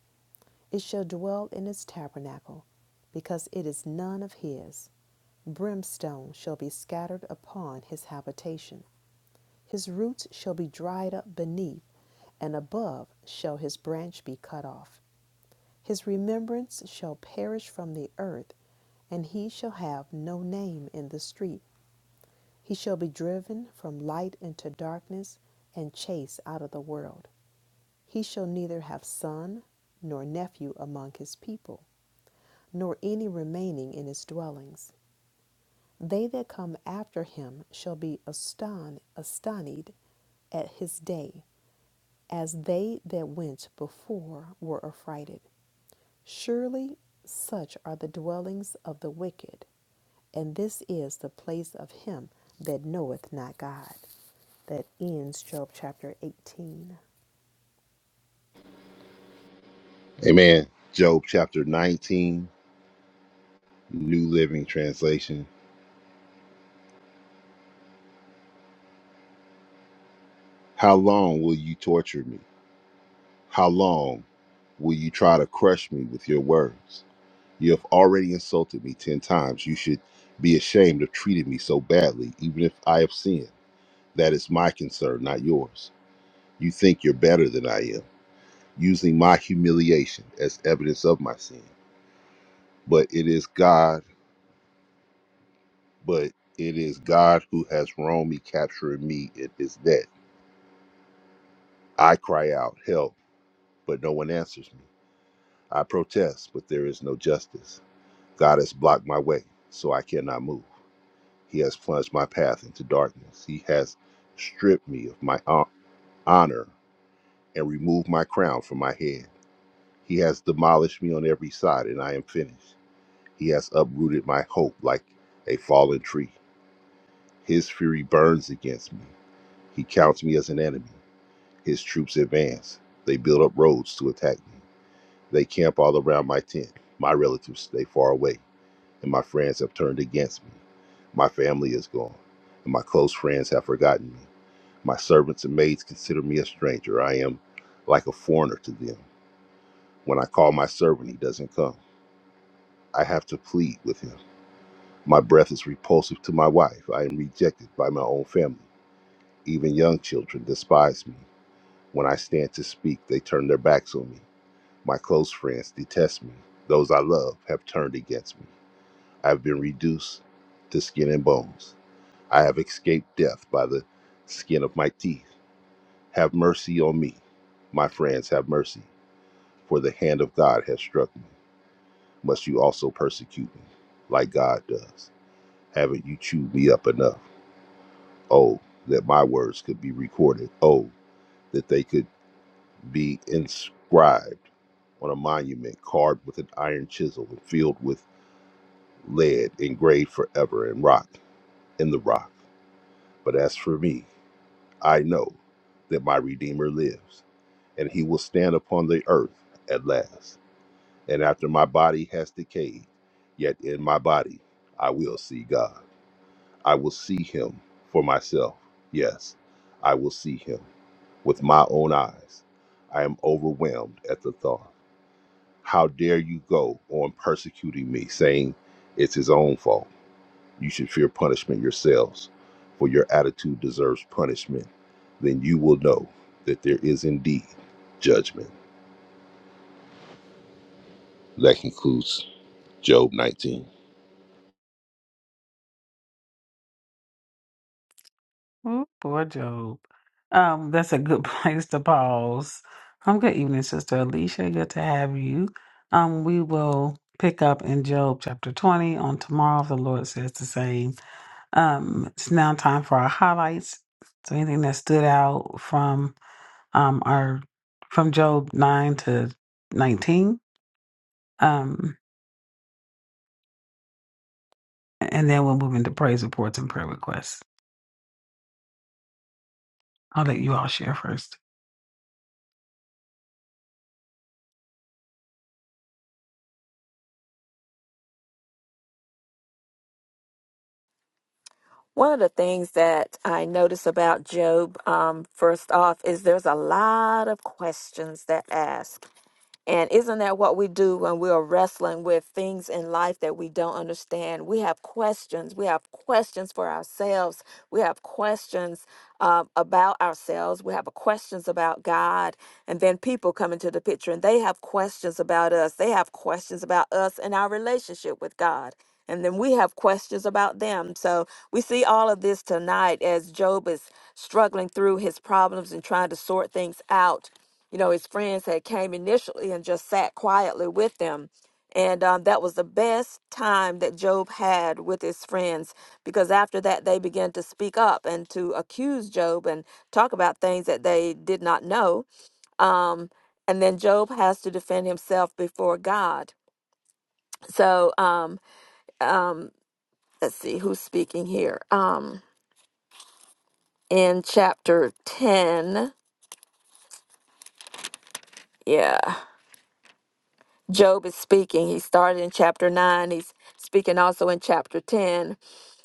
D: It shall dwell in his tabernacle, because it is none of his. Brimstone shall be scattered upon his habitation. His roots shall be dried up beneath, and above shall his branch be cut off. His remembrance shall perish from the earth, and he shall have no name in the street. He shall be driven from light into darkness and chased out of the world. He shall neither have son nor nephew among his people, nor any remaining in his dwellings. They that come after him shall be aston- astonished at his day, as they that went before were affrighted. Surely such are the dwellings of the wicked, and this is the place of him that knoweth not God. that ends Job chapter 18.
E: Amen. Job chapter 19, New Living Translation. How long will you torture me? How long will you try to crush me with your words? You have already insulted me ten times. You should be ashamed of treating me so badly, even if I have sinned. That is my concern, not yours. You think you're better than I am, using my humiliation as evidence of my sin. But it is God, but it is God who has wronged me, capturing me in his net. I cry out, help, but no one answers me. I protest, but there is no justice. God has blocked my way, so I cannot move. He has plunged my path into darkness. He has stripped me of my hon- honor and removed my crown from my head. He has demolished me on every side, and I am finished. He has uprooted my hope like a fallen tree. His fury burns against me. He counts me as an enemy. His troops advance. They build up roads to attack me. They camp all around my tent. My relatives stay far away, and my friends have turned against me. My family is gone, and my close friends have forgotten me. My servants and maids consider me a stranger. I am like a foreigner to them. When I call my servant, he doesn't come. I have to plead with him. My breath is repulsive to my wife. I am rejected by my own family. Even young children despise me. When I stand to speak, they turn their backs on me. My close friends detest me. Those I love have turned against me. I have been reduced to skin and bones. I have escaped death by the skin of my teeth. Have mercy on me. My friends, have mercy For the hand of God has struck me. Must you also persecute me, like God does? Haven't you chewed me up enough? Oh, that my words could be recorded. Oh, that they could be inscribed on a monument carved with an iron chisel and filled with lead, engraved forever in rock, in the rock. But as for me, I know that my Redeemer lives, and he will stand upon the earth at last. and after my body has decayed, yet in my body I will see God. I will see him for myself. Yes, I will see him with my own eyes. I am overwhelmed at the thought. How dare you go on persecuting me, saying it's his own fault? You should fear punishment yourselves, for your attitude deserves punishment. Then you will know that there is indeed judgment. That concludes Job 19.
A: Ooh, poor Job. Um, that's a good place to pause. Um, good evening, Sister Alicia. Good to have you. Um, we will pick up in Job chapter 20 on tomorrow if the Lord says the same. Um, it's now time for our highlights. So anything that stood out from um our from Job nine to nineteen. Um, and then we'll move into praise reports and prayer requests. I'll let you all share first.
B: One of the things that I notice about Job, um, first off, is there's a lot of questions that ask. And isn't that what we do when we are wrestling with things in life that we don't understand? We have questions. We have questions for ourselves. We have questions uh, about ourselves. We have questions about God. And then people come into the picture and they have questions about us. They have questions about us and our relationship with God. And then we have questions about them. So we see all of this tonight as Job is struggling through his problems and trying to sort things out you know his friends had came initially and just sat quietly with them and um, that was the best time that job had with his friends because after that they began to speak up and to accuse job and talk about things that they did not know um, and then job has to defend himself before god so um, um, let's see who's speaking here um, in chapter 10 yeah Job is speaking. He started in chapter 9. He's speaking also in chapter 10.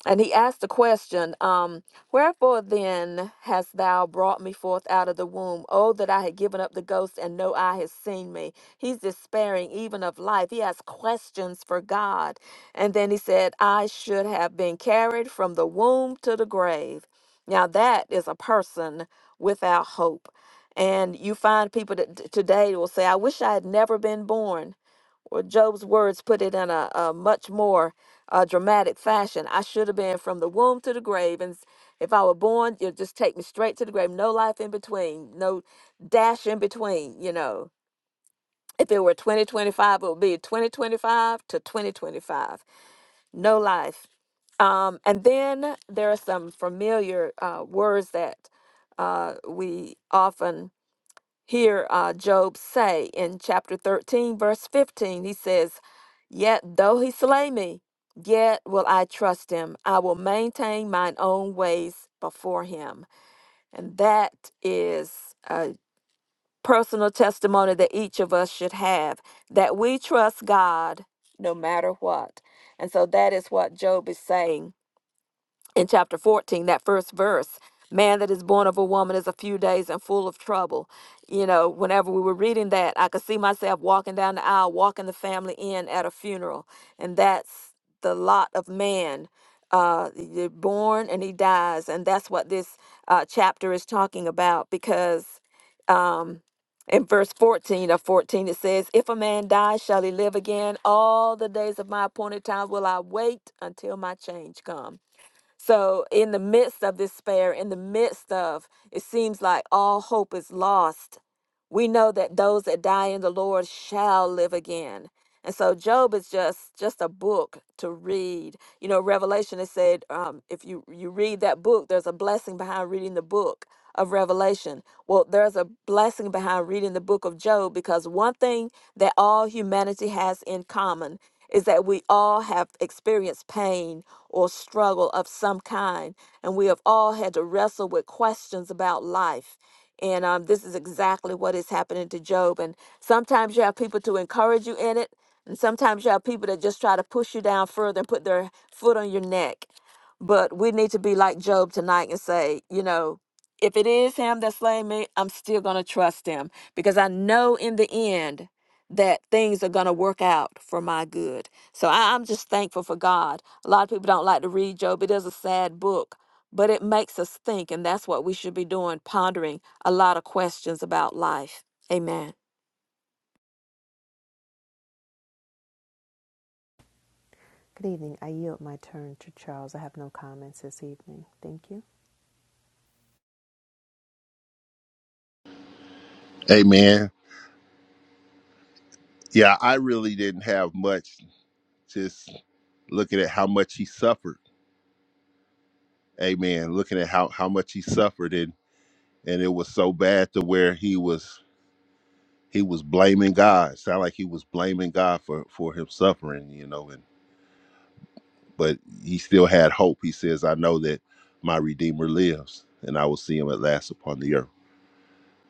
B: And he asked the question, um, Wherefore then hast thou brought me forth out of the womb? Oh, that I had given up the ghost and no eye has seen me. He's despairing even of life. He has questions for God. And then he said, I should have been carried from the womb to the grave. Now that is a person without hope. And you find people that t- today will say, I wish I had never been born or Job's words put it in a, a much more uh, dramatic fashion. I should have been from the womb to the grave, and s- if I were born, you'd just take me straight to the grave. No life in between, no dash in between. You know, if it were 2025, it would be 2025 to 2025. No life. Um, and then there are some familiar uh, words that uh, we often hear uh, Job say in chapter 13, verse 15. He says, Yet though he slay me, yet will I trust him. I will maintain mine own ways before him. And that is a personal testimony that each of us should have that we trust God no matter what. And so that is what Job is saying in chapter 14, that first verse, man that is born of a woman is a few days and full of trouble. You know, whenever we were reading that, I could see myself walking down the aisle, walking the family in at a funeral. And that's the lot of man. Uh, you're born and he dies. And that's what this uh, chapter is talking about because um, in verse 14 of 14, it says, If a man dies, shall he live again? All the days of my appointed time will I wait until my change come. So, in the midst of despair, in the midst of it seems like all hope is lost, we know that those that die in the Lord shall live again. And so Job is just just a book to read. You know, Revelation is said um, if you you read that book, there's a blessing behind reading the book of Revelation. Well, there's a blessing behind reading the book of Job because one thing that all humanity has in common is that we all have experienced pain or struggle of some kind, and we have all had to wrestle with questions about life. And um, this is exactly what is happening to Job. And sometimes you have people to encourage you in it, and sometimes you have people that just try to push you down further and put their foot on your neck. But we need to be like Job tonight and say, you know, if it is him that slain me, I'm still going to trust him because I know in the end that things are going to work out for my good. So I, I'm just thankful for God. A lot of people don't like to read Job. It is a sad book, but it makes us think, and that's what we should be doing, pondering a lot of questions about life. Amen.
D: Good evening. I yield my turn to Charles. I have no comments this evening. Thank you.
E: Amen. Yeah, I really didn't have much. Just looking at how much he suffered. Amen. Looking at how how much he suffered, and and it was so bad to where he was he was blaming God. Sound like he was blaming God for for him suffering, you know. And but he still had hope. He says, "I know that my Redeemer lives, and I will see him at last upon the earth.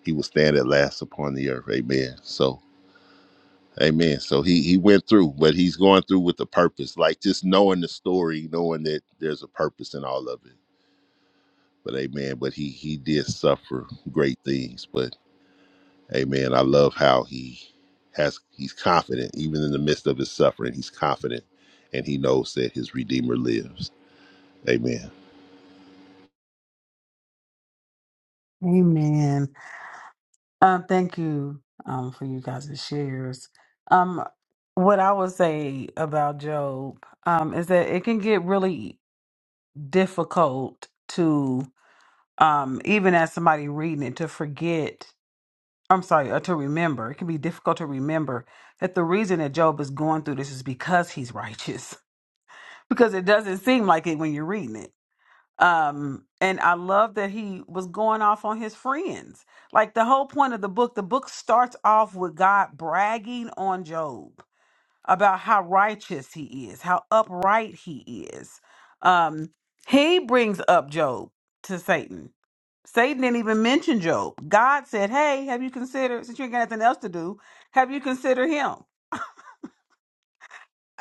E: He will stand at last upon the earth." Amen. So Amen. So he he went through, but he's going through with a purpose, like just knowing the story, knowing that there's a purpose in all of it. But amen. But he he did suffer great things. But amen. I love how he has he's confident, even in the midst of his suffering, he's confident, and he knows that his redeemer lives. Amen.
A: Amen. Um, thank you um for you guys' shares. Um, what I would say about Job um is that it can get really difficult to um even as somebody reading it to forget I'm sorry, or to remember, it can be difficult to remember that the reason that Job is going through this is because he's righteous, because it doesn't seem like it when you're reading it. Um, and I love that he was going off on his friends. Like the whole point of the book, the book starts off with God bragging on Job about how righteous he is, how upright he is. Um, he brings up Job to Satan Satan didn't even mention Job. God said, "Hey, have you considered? Since you ain't got nothing else to do, have you considered him?"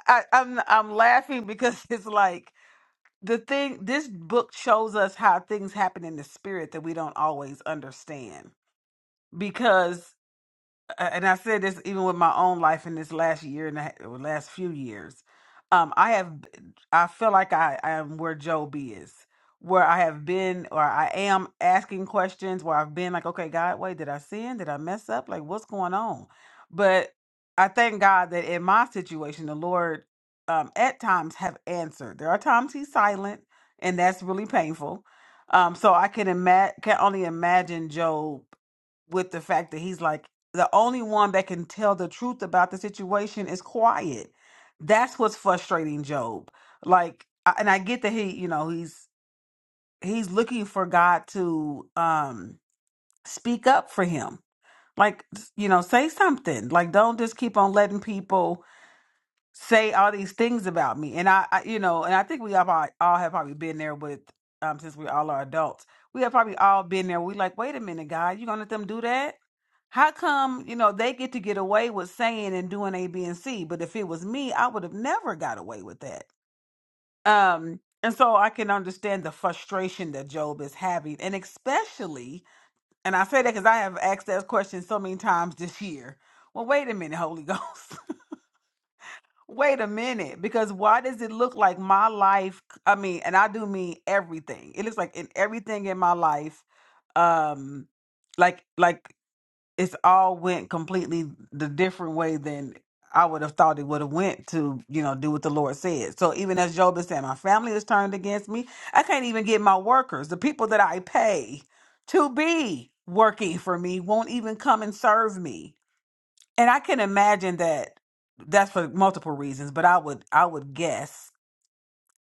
A: I, I'm I'm laughing because it's like the thing. This book shows us how things happen in the spirit that we don't always understand. Because uh, and I said this even with my own life in this last year and a ha- or last few years. Um, I have, I feel like I, I am where Job is, where I have been or I am asking questions where I've been like, okay, God, wait, did I sin? Did I mess up? Like, what's going on? But I thank God that in my situation, the Lord um, at times have answered. There are times He's silent, and that's really painful. Um, so I can imagine, can only imagine Job with the fact that he's like the only one that can tell the truth about the situation is quiet. That's what's frustrating Job. Like, I- and I get that he, you know, he's he's looking for God to um speak up for him. Like, you know, say something. Like, don't just keep on letting people say all these things about me and i, I you know and i think we have all, all have probably been there with um since we all are adults we have probably all been there we like wait a minute god you gonna let them do that how come you know they get to get away with saying and doing a b and c but if it was me i would have never got away with that um and so i can understand the frustration that job is having and especially and i say that because i have asked that question so many times this year well wait a minute holy ghost Wait a minute, because why does it look like my life? I mean, and I do mean everything. It looks like in everything in my life, um, like like it's all went completely the different way than I would have thought it would have went to you know do what the Lord said. So even as Job is saying, my family is turned against me. I can't even get my workers, the people that I pay to be working for me, won't even come and serve me and I can imagine that that's for multiple reasons, but I would I would guess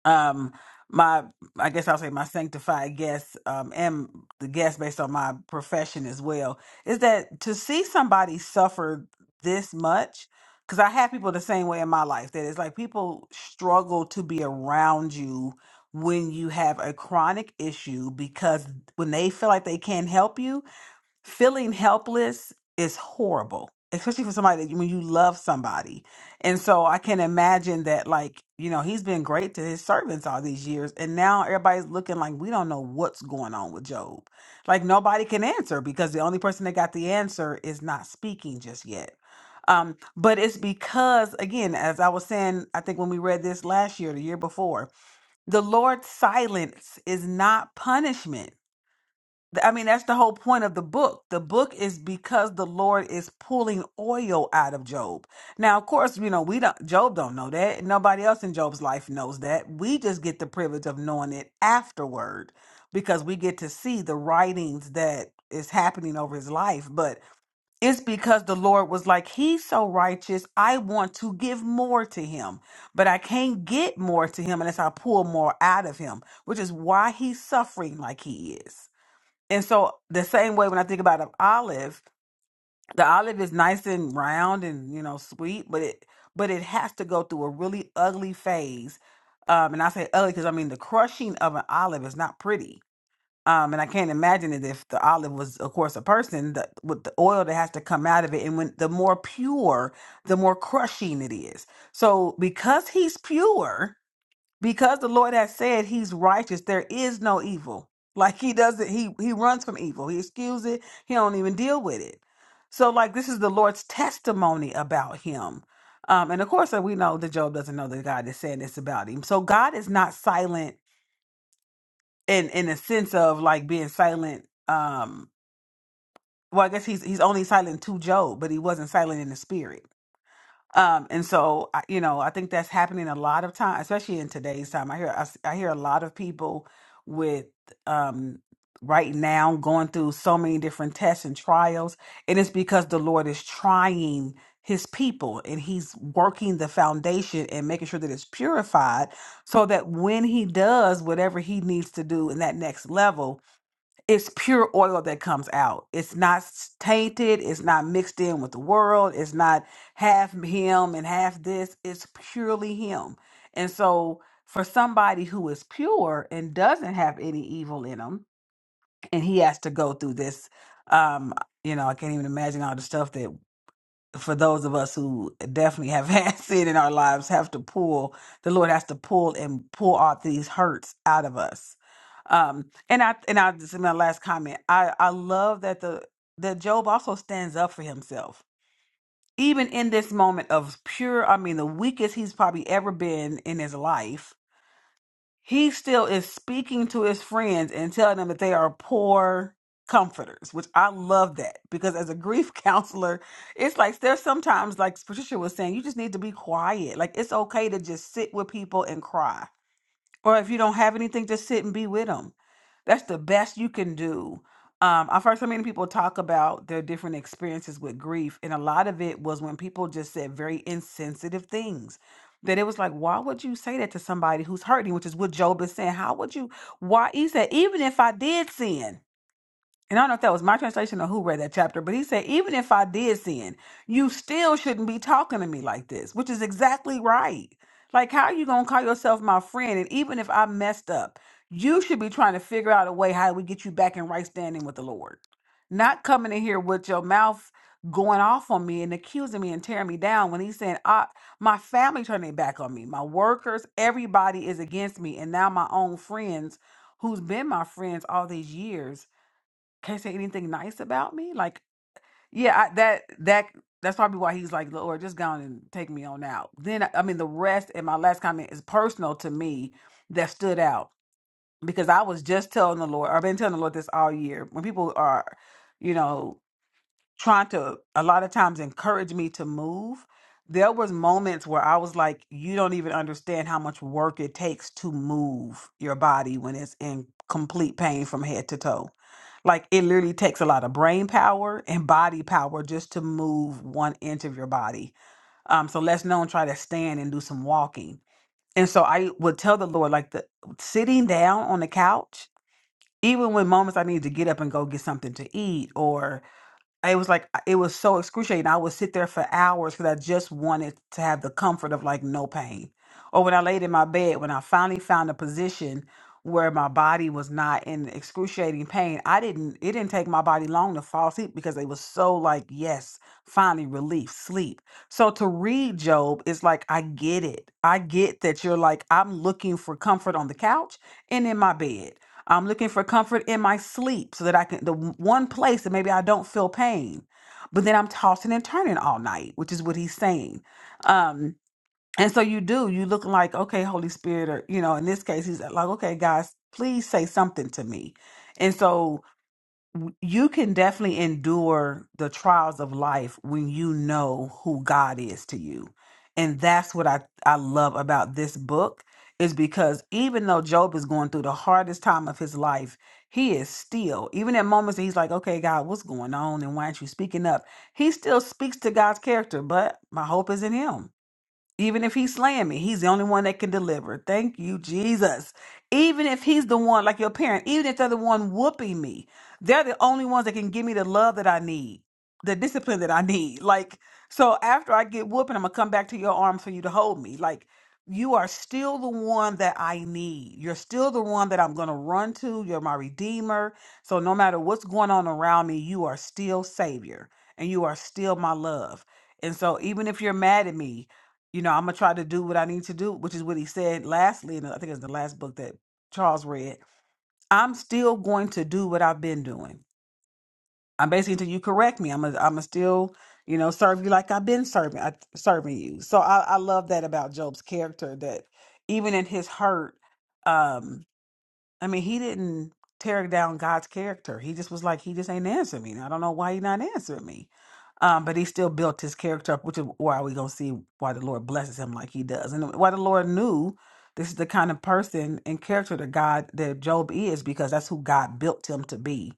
A: um my I guess I'll say my sanctified guess um and the guess based on my profession as well is that to see somebody suffer this much because I have people the same way in my life that it's like people struggle to be around you when you have a chronic issue because when they feel like they can't help you feeling helpless is horrible especially for somebody that when you love somebody and so i can imagine that like you know he's been great to his servants all these years and now everybody's looking like we don't know what's going on with job like nobody can answer because the only person that got the answer is not speaking just yet um but it's because again as i was saying i think when we read this last year the year before the lord's silence is not punishment Th- I mean, that's the whole point of the book. The book is because the Lord is pulling oil out of Job. Now, of course, you know, we don't Job don't know that. Nobody else in Job's life knows that. We just get the privilege of knowing it afterward because we get to see the writings that is happening over his life. But it's because the Lord was like, He's so righteous, I want to give more to him. But I can't get more to him unless I pull more out of him, which is why he's suffering like he is. And so the same way when I think about an olive, the olive is nice and round and you know sweet, but it but it has to go through a really ugly phase. Um, and I say ugly because I mean the crushing of an olive is not pretty. Um, and I can't imagine it if the olive was, of course, a person that, with the oil that has to come out of it. And when the more pure, the more crushing it is. So because he's pure, because the lord has said he's righteous there is no evil like he doesn't he he runs from evil he excuse it he don't even deal with it so like this is the lord's testimony about him um and of course uh, we know that job doesn't know that god is saying this about him so god is not silent in in a sense of like being silent um well i guess he's he's only silent to job but he wasn't silent in the spirit um, and so, I- you know, I think that's happening a lot of time, especially in today's time. I hear I, s- I hear a lot of people with um, right now going through so many different tests and trials, and it's because the Lord is trying His people, and He's working the foundation and making sure that it's purified, so that when He does whatever He needs to do in that next level, it's pure oil that comes out. It's not s- tainted. It's not mixed in with the world. It's not half him and half this. It's purely him. And so, for somebody who is pure and doesn't have any evil in him, and he has to go through this, um, you know, I can't even imagine all the stuff that for those of us who definitely have had sin in our lives have to pull the lord has to pull and pull all these hurts out of us um and i and i just my last comment i i love that the that job also stands up for himself even in this moment of pure i mean the weakest he's probably ever been in his life he still is speaking to his friends and telling them that they are poor comforters, which I love that because as a grief counselor, it's like there's sometimes, like Patricia was saying, you just need to be quiet. Like it's okay to just sit with people and cry or if you don't have anything, just sit and be with them. That's the best you can do. Um, I've heard so many people talk about their different experiences with grief, and a lot of it was when people just said very insensitive things. That it was like, why would you say that to somebody who's hurting? Which is what Job is saying. How would you? Why he said, even if I did sin, and I don't know if that was my translation or who read that chapter, but he said, even if I did sin, you still shouldn't be talking to me like this, which is exactly right. Like, how you going to call yourself my friend? And even if I messed up, you should be trying to figure out a way how we get you back in right standing with the Lord. Not coming in here with your mouth going off on me and accusing me and tearing me down when he's saying, I, my family turned their back on me. My workers, everybody is against me. And now my own friends, who's been my friends all these years, can't say anything nice about me. Like, yeah, I, that that that's probably why he's like, Lord, just go on and take me on out. Then I mean, the rest and my last comment is personal to me that stood out because I was just telling the Lord. I've been telling the Lord this all year. When people are, you know trying to a lot of times encourage me to move there was moments where i was like you don't even understand how much work it takes to move your body when it's in complete pain from head to toe like it literally takes a lot of brain power and body power just to move one inch of your body um so let's not try to stand and do some walking and so i would tell the lord like the sitting down on the couch even when moments i need to get up and go get something to eat or it was like it was so excruciating. I would sit there for hours because I just wanted to have the comfort of like no pain. Or when I laid in my bed, when I finally found a position where my body was not in excruciating pain, I didn't. It didn't take my body long to fall asleep because it was so like yes, finally relief, sleep. So to read Job is like I get it. I get that you're like I'm looking for comfort on the couch and in my bed. I'm looking for comfort in my sleep so that I can, the one place that maybe I don't feel pain. But then I'm tossing and turning all night, which is what he's saying. Um, and so you do, you look like, okay, Holy Spirit, or, you know, in this case, he's like, okay, guys, please say something to me. And so you can definitely endure the trials of life when you know who God is to you. And that's what I, I love about this book is because even though Job is going through the hardest time of his life, he is still, even at moments that he's like, okay, God, what's going on? And why aren't you speaking up? He still speaks to God's character, but my hope is in him even if he's slaying me, he's the only one that can deliver. Thank you, Jesus. Even if he's the one, like your parent, even if they're the one whooping me, they're the only ones that can give me the love that I need, the discipline that I need. Like, so after I get whooping, I'm going to come back to your arms for you to hold me. Like, you are still the one that I need. You're still the one that I'm going to run to. You're my redeemer. So no matter what's going on around me, you are still savior and you are still my love. And so even if you're mad at me, you know, I'm gonna try to do what I need to do, which is what he said lastly, and I think it's the last book that Charles read. I'm still going to do what I've been doing. I'm basically until you correct me. I'm a, I'm a still, you know, serve you like I've been serving, I, serving you. So I, I love that about Job's character that even in his hurt, um, I mean, he didn't tear down God's character. He just was like, he just ain't answering me. I don't know why he not answering me. Um, but he still built his character up, which is why we gonna see why the Lord blesses him like he does, and why the Lord knew this is the kind of person and character that God that Job is, because that's who God built him to be.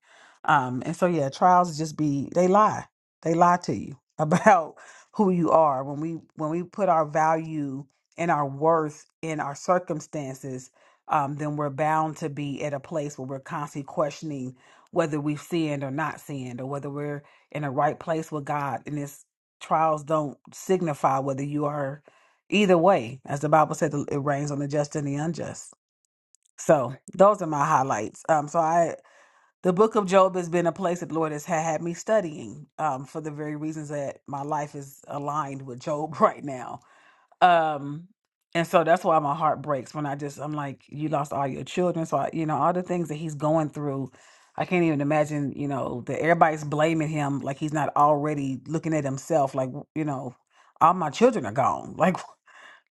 A: Um, and so yeah, trials just be they lie, they lie to you about who you are. When we when we put our value and our worth in our circumstances, um, then we're bound to be at a place where we're constantly questioning whether we've sinned or not sinned, or whether we're in the right place with God. And this trials don't signify whether you are either way. As the Bible said, it rains on the just and the unjust. So those are my highlights. Um, so I, the book of Job has been a place that the Lord has ha- had me studying um, for the very reasons that my life is aligned with Job right now um, and so that's why my heart breaks when I just I'm like, you lost all your children. So I, you know, all the things that he's going through, I can't even imagine, you know, that everybody's blaming him like he's not already looking at himself like, w- you know, all my children are gone. Like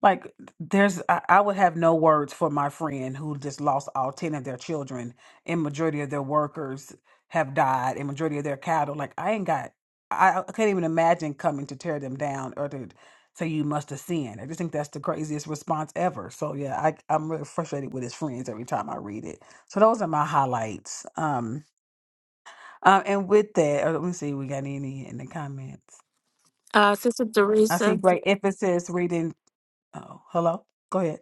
A: like there's I, I would have no words for my friend who just lost all 10 of their children and majority of their workers have died and majority of their cattle. Like I ain't got I, I can't even imagine coming to tear them down or to say you must have sinned. I just think that's the craziest response ever. So yeah, I I'm really frustrated with his friends every time I read it. So those are my highlights. Um uh, and with that, uh, let me see, we got any in the comments.
B: Uh, Sister
A: I see
B: Teresa.
A: great emphasis reading oh hello. Go ahead.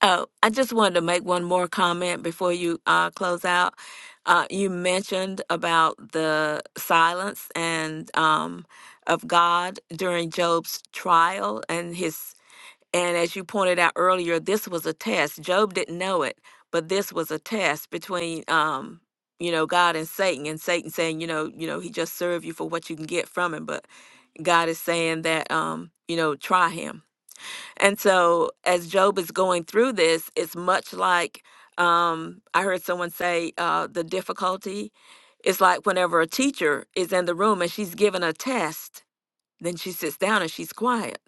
B: Oh, I just wanted to make one more comment before you uh, close out. Uh, you mentioned about the silence and um, of God during Job's trial and his and as you pointed out earlier, this was a test. Job didn't know it, but this was a test between um, you know God and Satan, and Satan saying, you know, you know, he just served you for what you can get from him, but God is saying that um, you know, try him. And so, as Job is going through this, it's much like um, I heard someone say uh, the difficulty. is like whenever a teacher is in the room and she's given a test, then she sits down and she's quiet.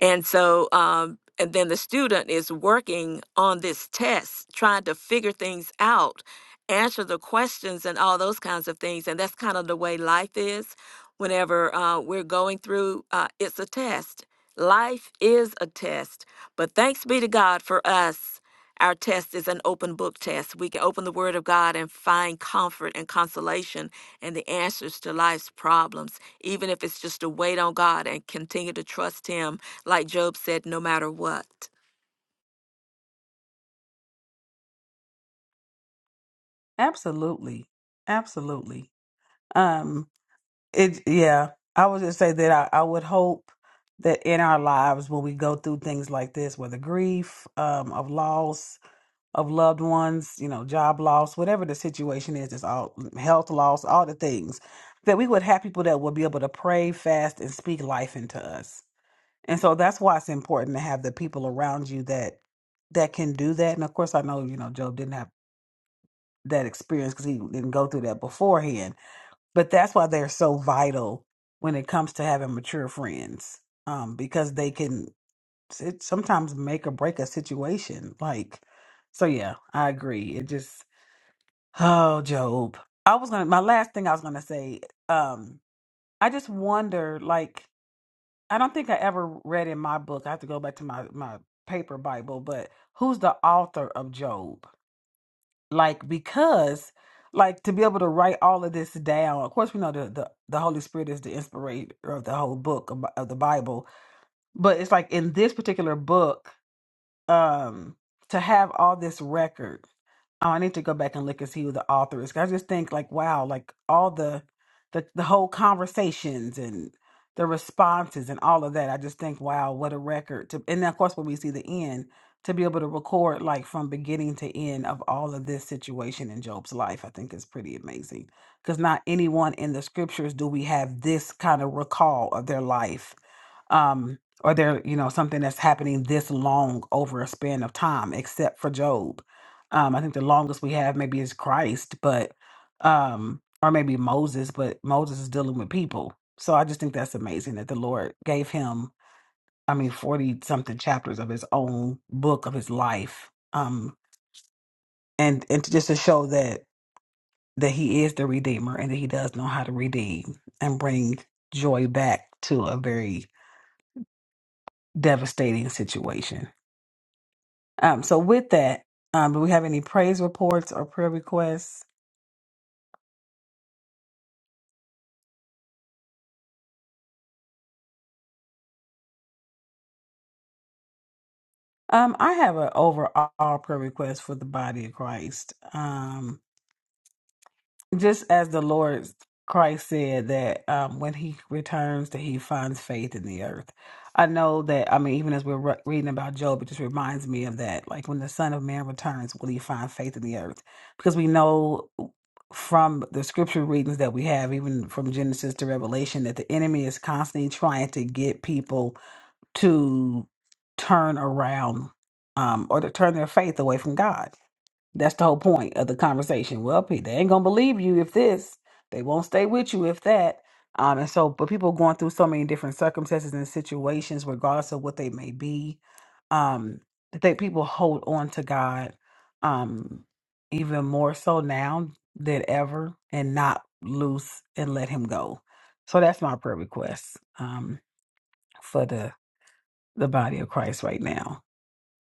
B: And so, um, and then the student is working on this test, trying to figure things out, answer the questions, and all those kinds of things. And that's kind of the way life is. Whenever uh, we're going through, uh, it's a test. Life is a test. But thanks be to God for us. Our test is an open book test. We can open the Word of God and find comfort and consolation and the answers to life's problems, even if it's just to wait on God and continue to trust Him like Job said, no matter what.
A: Absolutely. Absolutely. Um it yeah, I would just say that I, I would hope that in our lives when we go through things like this, whether grief, um, of loss, of loved ones, you know, job loss, whatever the situation is, it's all mm, health loss, all the things, that we would have people that would be able to pray, fast, and speak life into us. And so that's why it's important to have the people around you that that can do that. And of course I know, you know, Job didn't have that experience because he didn't go through that beforehand. But that's why they're so vital when it comes to having mature friends, um, because they can it sometimes make or break a situation. Like, so yeah, I agree. It just oh, Job. I was gonna my last thing I was gonna say. Um, I just wonder. Like, I don't think I ever read in my book. I have to go back to my my paper Bible, but who's the author of Job? like because like to be able to write all of this down of course we know the the, the holy spirit is the inspirator of the whole book of, of the bible but it's like in this particular book um to have all this record Oh, I need to go back and look and see who the author is. 'Cause I just think like, wow, like all the the the whole conversations and the responses and all of that. I just think, wow, what a record to and then of course when we see the end, to be able to record like from beginning to end of all of this situation in Job's life, I think is pretty amazing. Because not anyone in the scriptures do we have this kind of recall of their life um, or there, you know, something that's happening this long over a span of time, except for Job. Um, I think the longest we have maybe is Christ, but um, or maybe Moses, but Moses is dealing with people. So I just think that's amazing that the Lord gave him, I mean, forty something chapters of his own book of his life. Um, and and to- just to show that that he is the redeemer and that he does know how to redeem and bring joy back to a very devastating situation. Um, so with that, um, do we have any praise reports or prayer requests? Um, I have an overall prayer request for the body of Christ. Um, Just as the Lord Christ said that um, when he returns, that he finds faith in the earth. I know that, I mean, even as we're re- reading about Job, it just reminds me of that. Like when the Son of Man returns, will he find faith in the earth? Because we know from the scripture readings that we have, even from Genesis to Revelation, that the enemy is constantly trying to get people to turn around um, or to turn their faith away from God that's the whole point of the conversation. Well, pe- they ain't gonna believe you if this. They won't stay with you if that. Um, and so, but people going through so many different circumstances and situations, regardless of what they may be, um, that they people hold on to God, um, even more so now than ever, and not loose and let Him go. So that's my prayer request um, for the the body of Christ right now.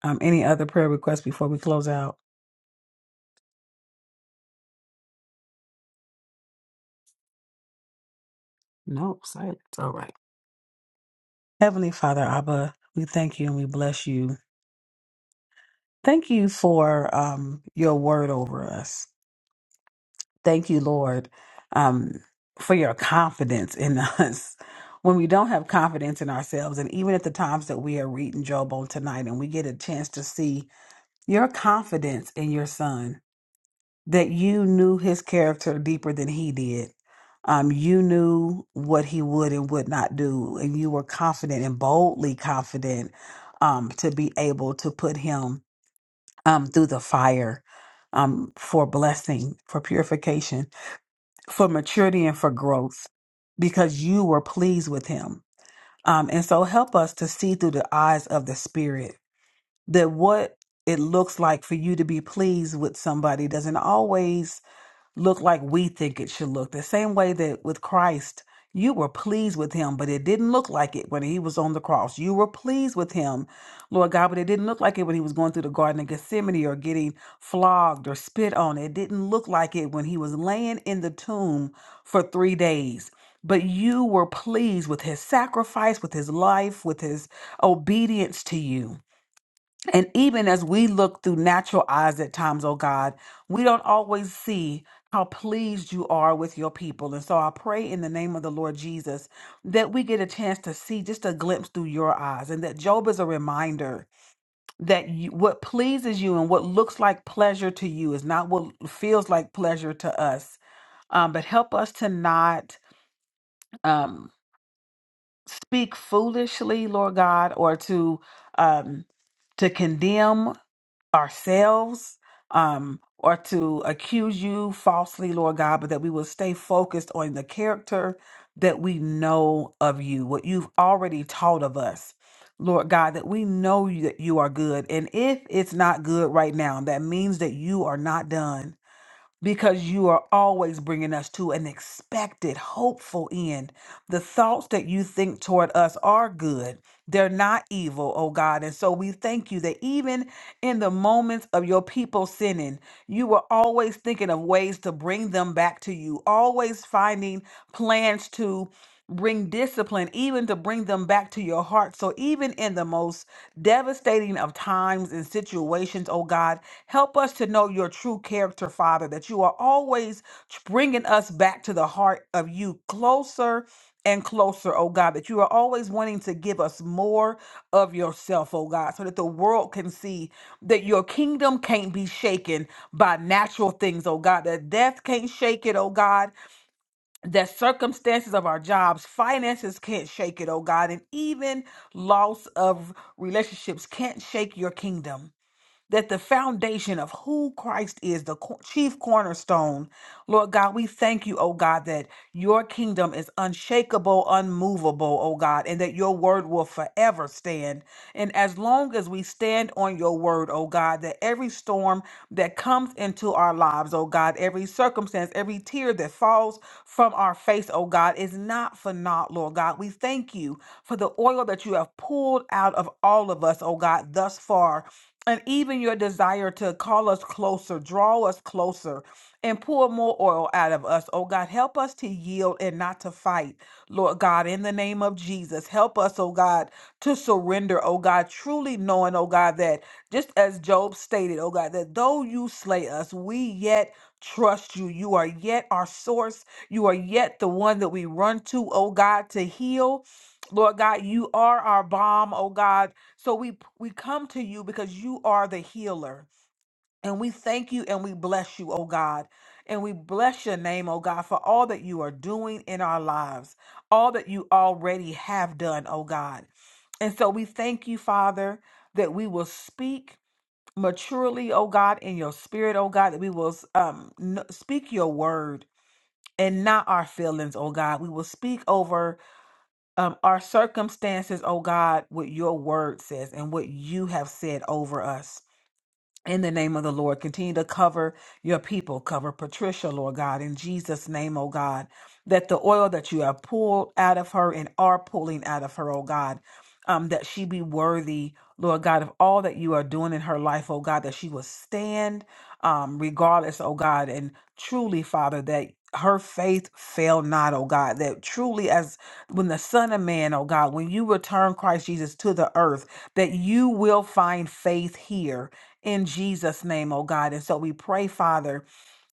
A: Um, any other prayer requests before we close out? Nope, silence. All right. Heavenly Father, Abba, we thank you and we bless you. Thank you for um, your word over us. Thank you, Lord, um, for your confidence in us. When we don't have confidence in ourselves, and even at the times that we are reading Job on tonight and we get a chance to see your confidence in your son, that you knew his character deeper than he did. Um, you knew what he would and would not do, and you were confident and boldly confident um, to be able to put him um, through the fire um, for blessing, for purification, for maturity, and for growth because you were pleased with him. Um, and so help us to see through the eyes of the Spirit that what it looks like for you to be pleased with somebody doesn't always look like we think it should look. The same way that with Christ, you were pleased with him, but it didn't look like it when he was on the cross. You were pleased with him, Lord God, but it didn't look like it when he was going through the Garden of Gethsemane or getting flogged or spit on. It didn't look like it when he was laying in the tomb for three days. But you were pleased with his sacrifice, with his life, with his obedience to you. And even as we look through natural eyes at times, oh God, we don't always see how pleased you are with your people. And so I pray in the name of the Lord Jesus that we get a chance to see just a glimpse through your eyes and that Job is a reminder that you, what pleases you and what looks like pleasure to you is not what feels like pleasure to us. Um, but help us to not um, speak foolishly, Lord God, or to. Um, to condemn ourselves um, or to accuse you falsely, Lord God, but that we will stay focused on the character that we know of you, what you've already taught of us. Lord God, that we know you- that you are good. And if it's not good right now, that means that you are not done because you are always bringing us to an expected, hopeful end. The thoughts that you think toward us are good, they're not evil, oh God. And so we thank you that even in the moments of your people sinning, you were always thinking of ways to bring them back to you, always finding plans to. Bring discipline, even to bring them back to your heart. So, even in the most devastating of times and situations, oh God, Help us to know your true character, Father, that you are always bringing us back to the heart of you, closer and closer, oh God, that you are always wanting to give us more of yourself, oh God, so that the world can see that your kingdom can't be shaken by natural things, oh God, that death can't shake it, oh God, that circumstances of our jobs, finances can't shake it, oh God, and even loss of relationships can't shake your kingdom that the foundation of who Christ is, the co- chief cornerstone. Lord God, we thank you, oh God, that your kingdom is unshakable, unmovable, oh God, and that your word will forever stand. And as long as we stand on your word, oh God, that every storm that comes into our lives, oh God, every circumstance, every tear that falls from our face, oh God, is not for naught, Lord God. We thank you for the oil that you have pulled out of all of us, oh God, thus far and even your desire to call us closer, draw us closer, and pour more oil out of us. Oh God, help us to yield and not to fight, Lord God, in the name of Jesus. Help us, oh God, to surrender, oh God, truly knowing, oh God, that just as Job stated, oh God, that though you slay us, we yet trust you. You are yet our source. You are yet the one that we run to, oh God, to heal. Lord God, you are our balm, oh God so we we come to you because you are the healer. And we thank you and we bless you, oh God. And we bless your name, oh God, for all that you are doing in our lives, all that you already have done, oh God. And so we thank you, Father, that we will speak maturely, oh God, in your spirit, oh God, that we will um, n- speak your word and not our feelings, oh God. We will speak over um, our circumstances, oh God, what your word says and what you have said over us in the name of the Lord. Continue to cover your people. Cover Patricia, Lord God, in Jesus' name, oh God. That the oil that you have pulled out of her and are pulling out of her, oh God, um, that she be worthy, Lord God, of all that you are doing in her life, oh God, that she will stand um, regardless, oh God, and truly, Father, that her faith fail not, oh God, that truly as when the Son of Man, oh God, when you return Christ Jesus to the earth, that you will find faith here in Jesus' name, oh God. And so we pray, Father,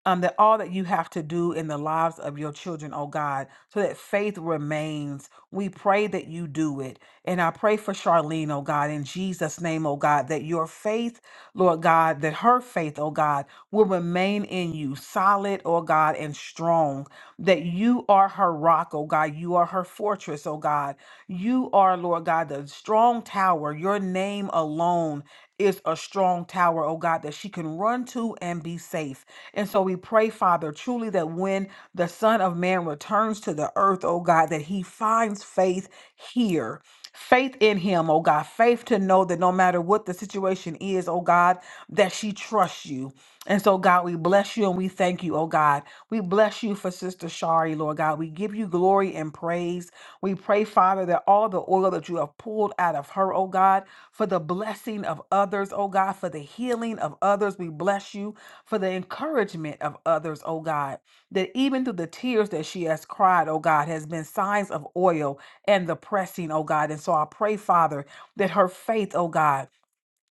A: um, that all that you have to do in the lives of your children, oh God, so that faith remains. We pray that you do it. And I pray for Charlene, oh God, in Jesus' name, oh God, that your faith, Lord God, that her faith, oh God, will remain in you, solid, oh God, and strong that you are her rock, oh God. You are her fortress, oh God. You are, Lord God, the strong tower. Your name alone is a strong tower, oh God, that she can run to and be safe. And so we pray, Father, truly that when the Son of Man returns to the earth, oh God, that he finds faith here. Faith in him, oh God, faith to know that no matter what the situation is, oh God, that she trusts you, and so, God, we bless you and we thank you, oh God. We bless you for Sister Shari, Lord God. We give you glory and praise. We pray, Father, that all the oil that you have pulled out of her, oh God, for the blessing of others, oh God, for the healing of others, we bless you for the encouragement of others, oh God, that even through the tears that she has cried, oh God, has been signs of oil and the pressing, oh God. And so I pray, Father, that her faith, oh God,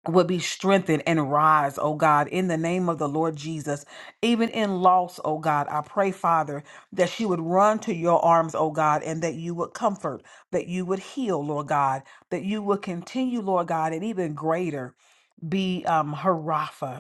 A: would be strengthened and rise, oh God, in the name of the Lord Jesus. Even in loss, oh God, I pray, Father, that she would run to your arms, oh God, and that you would comfort, that you would heal, Lord God, that you would continue, Lord God, and even greater be um, her Rapha.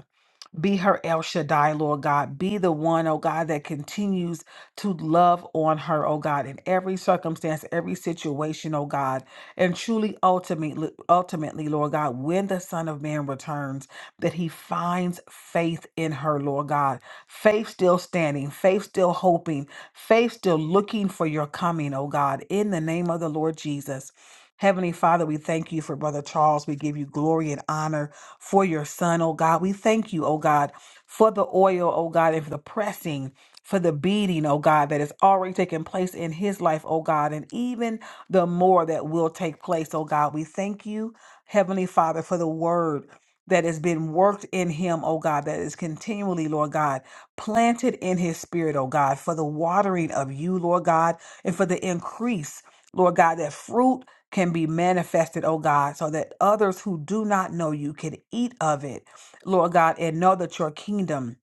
A: Be her El Shaddai, Lord God. Be the one, oh God, that continues to love on her, oh God, in every circumstance, every situation, oh God. And truly, ultimately, ultimately, Lord God, when the Son of Man returns, that he finds faith in her, Lord God. Faith still standing, faith still hoping, faith still looking for your coming, oh God, in the name of the Lord Jesus. Heavenly Father, we thank you for Brother Charles. We give you glory and honor for your son, oh God. We thank you, oh God, for the oil, oh God, and for the pressing, for the beating, oh God, that has already taken place in his life, oh God, and even the more that will take place, oh God. We thank you, Heavenly Father, for the word that has been worked in him, oh God, that is continually, Lord God, planted in his spirit, oh God, for the watering of you, Lord God, and for the increase. Lord God, that fruit can be manifested, oh God, so that others who do not know you can eat of it, Lord God, and know that your kingdom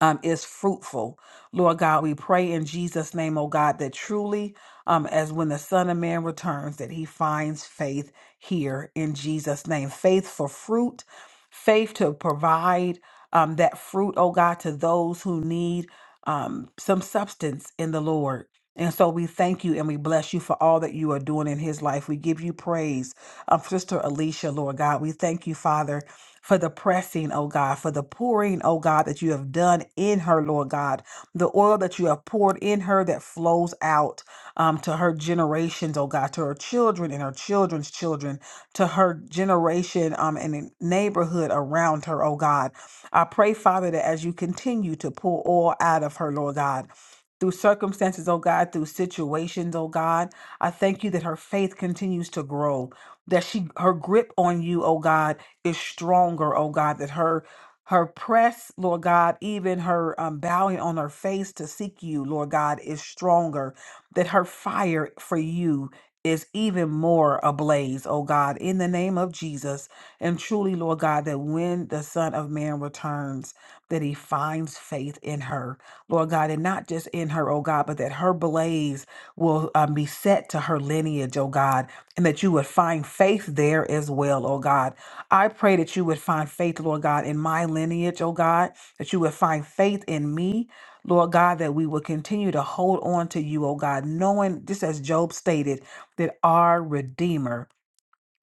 A: um, is fruitful. Lord God, we pray in Jesus' name, oh God, that truly, um, as when the Son of Man returns, that he finds faith here in Jesus' name. Faith for fruit, faith to provide um, that fruit, oh God, to those who need um, some substance in the Lord. And so we thank you and we bless you for all that you are doing in his life. We give you praise. Um, Sister Alicia, Lord God, we thank you, Father, for the pressing, oh God, for the pouring, oh God, that you have done in her, Lord God. The oil that you have poured in her that flows out um, to her generations, oh God, to her children and her children's children, to her generation um, and in neighborhood around her, oh God. I pray, Father, that as you continue to pour oil out of her, Lord God, through circumstances, oh God, through situations, oh God. I thank you that her faith continues to grow, that she her grip on you, oh God, is stronger, oh God, that her her press, Lord God, even her um, bowing on her face to seek you, Lord God, is stronger, that her fire for you is even more ablaze, oh God, in the name of Jesus. And truly, Lord God, that when the Son of Man returns, that he finds faith in her, Lord God, and not just in her, oh God, but that her blaze will um, be set to her lineage, oh God, and that you would find faith there as well, oh God. I pray that you would find faith, Lord God, in my lineage, oh God, that you would find faith in me. Lord God, that we would continue to hold on to you, oh God, knowing, just as Job stated, that our Redeemer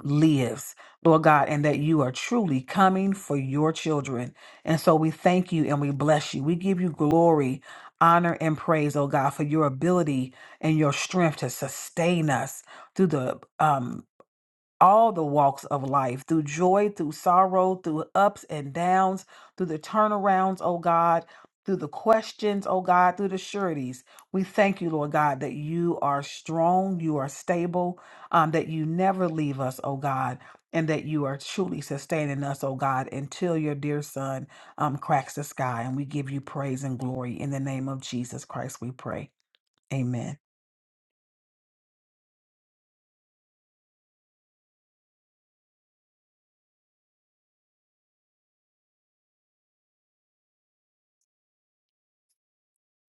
A: lives, Lord God, and that you are truly coming for your children. And so we thank you and we bless you. We give you glory, honor, and praise, oh God, for your ability and your strength to sustain us through the um, all the walks of life, through joy, through sorrow, through ups and downs, through the turnarounds, oh God, through the questions, oh God, through the sureties. We thank you, Lord God, that you are strong, you are stable, um, that you never leave us, oh God, and that you are truly sustaining us, oh God, until your dear son um, cracks the sky. And we give you praise and glory in the name of Jesus Christ, we pray. Amen.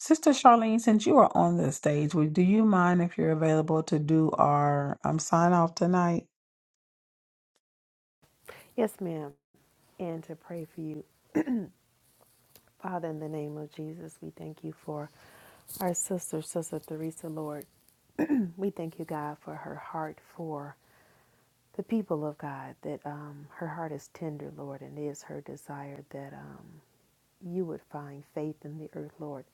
A: Sister Charlene, since you are on the stage, would do you mind if you're available to do our um, sign off tonight?
D: Yes, ma'am. And to pray for you, Father, in the name of Jesus, we thank you for our sister, Sister Theresa Lord. We thank you, God, for her heart for the people of God, that um, her heart is tender, Lord, and it is her desire that. Um, you would find faith in the earth, Lord.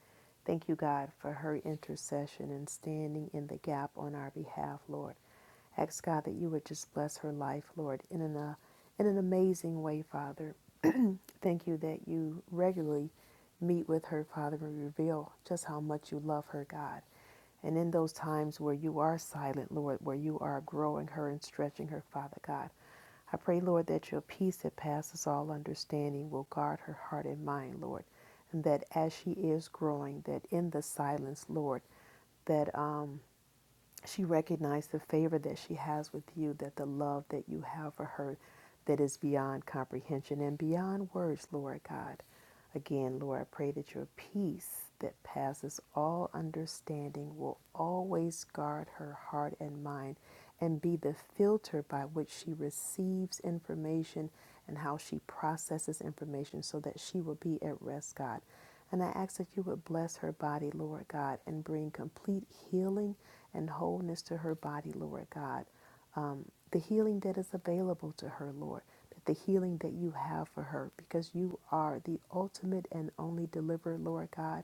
D: Thank you, God, for her intercession and standing in the gap on our behalf, Lord. Ask God that you would just bless her life, Lord, in an, uh, in an amazing way, Father. Thank you that you regularly meet with her, Father, and reveal just how much you love her, God. And in those times where you are silent, Lord, where you are growing her and stretching her, Father God, I pray, Lord, that your peace that passes all understanding will guard her heart and mind, Lord. And that as she is growing, that in the silence, Lord, that um, she recognized the favor that she has with you, that the love that you have for her that is beyond comprehension and beyond words, Lord God. Again, Lord, I pray that your peace that passes all understanding will always guard her heart and mind and be the filter by which she receives information and how she processes information so that she will be at rest, God. And I ask that you would bless her body, Lord God, and bring complete healing and wholeness to her body, Lord God. Um, the healing that is available to her, Lord, that the healing that you have for her, because you are the ultimate and only deliverer, Lord God.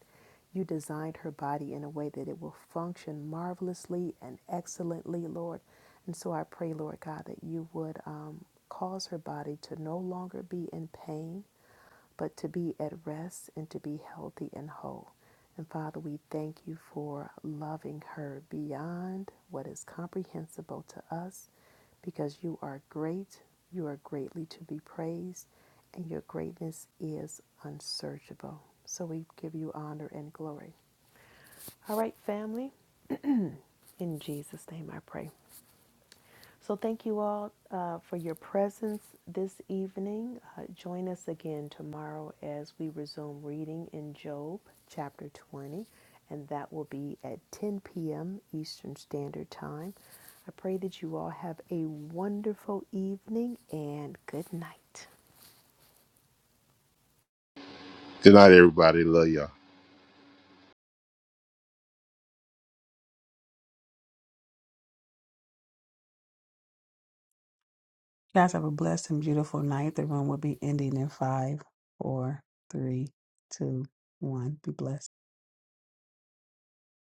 D: You designed her body in a way that it will function marvelously and excellently, Lord. And so I pray, Lord God, that you would um, cause her body to no longer be in pain but to be at rest and to be healthy and whole. And Father, we thank you for loving her beyond what is comprehensible to us because you are great, you are greatly to be praised, and your greatness is unsearchable. So we give you honor and glory. All right, family, in Jesus' name I pray. So, thank you all uh, for your presence this evening. Uh, join us again tomorrow as we resume reading in Job chapter 20, and that will be at 10 p.m. Eastern Standard Time. I pray that you all have a wonderful evening and good night.
E: Good night, everybody. Love y'all.
A: You guys have a blessed and beautiful night. The room will be ending in five, four, three, two, one. Be blessed.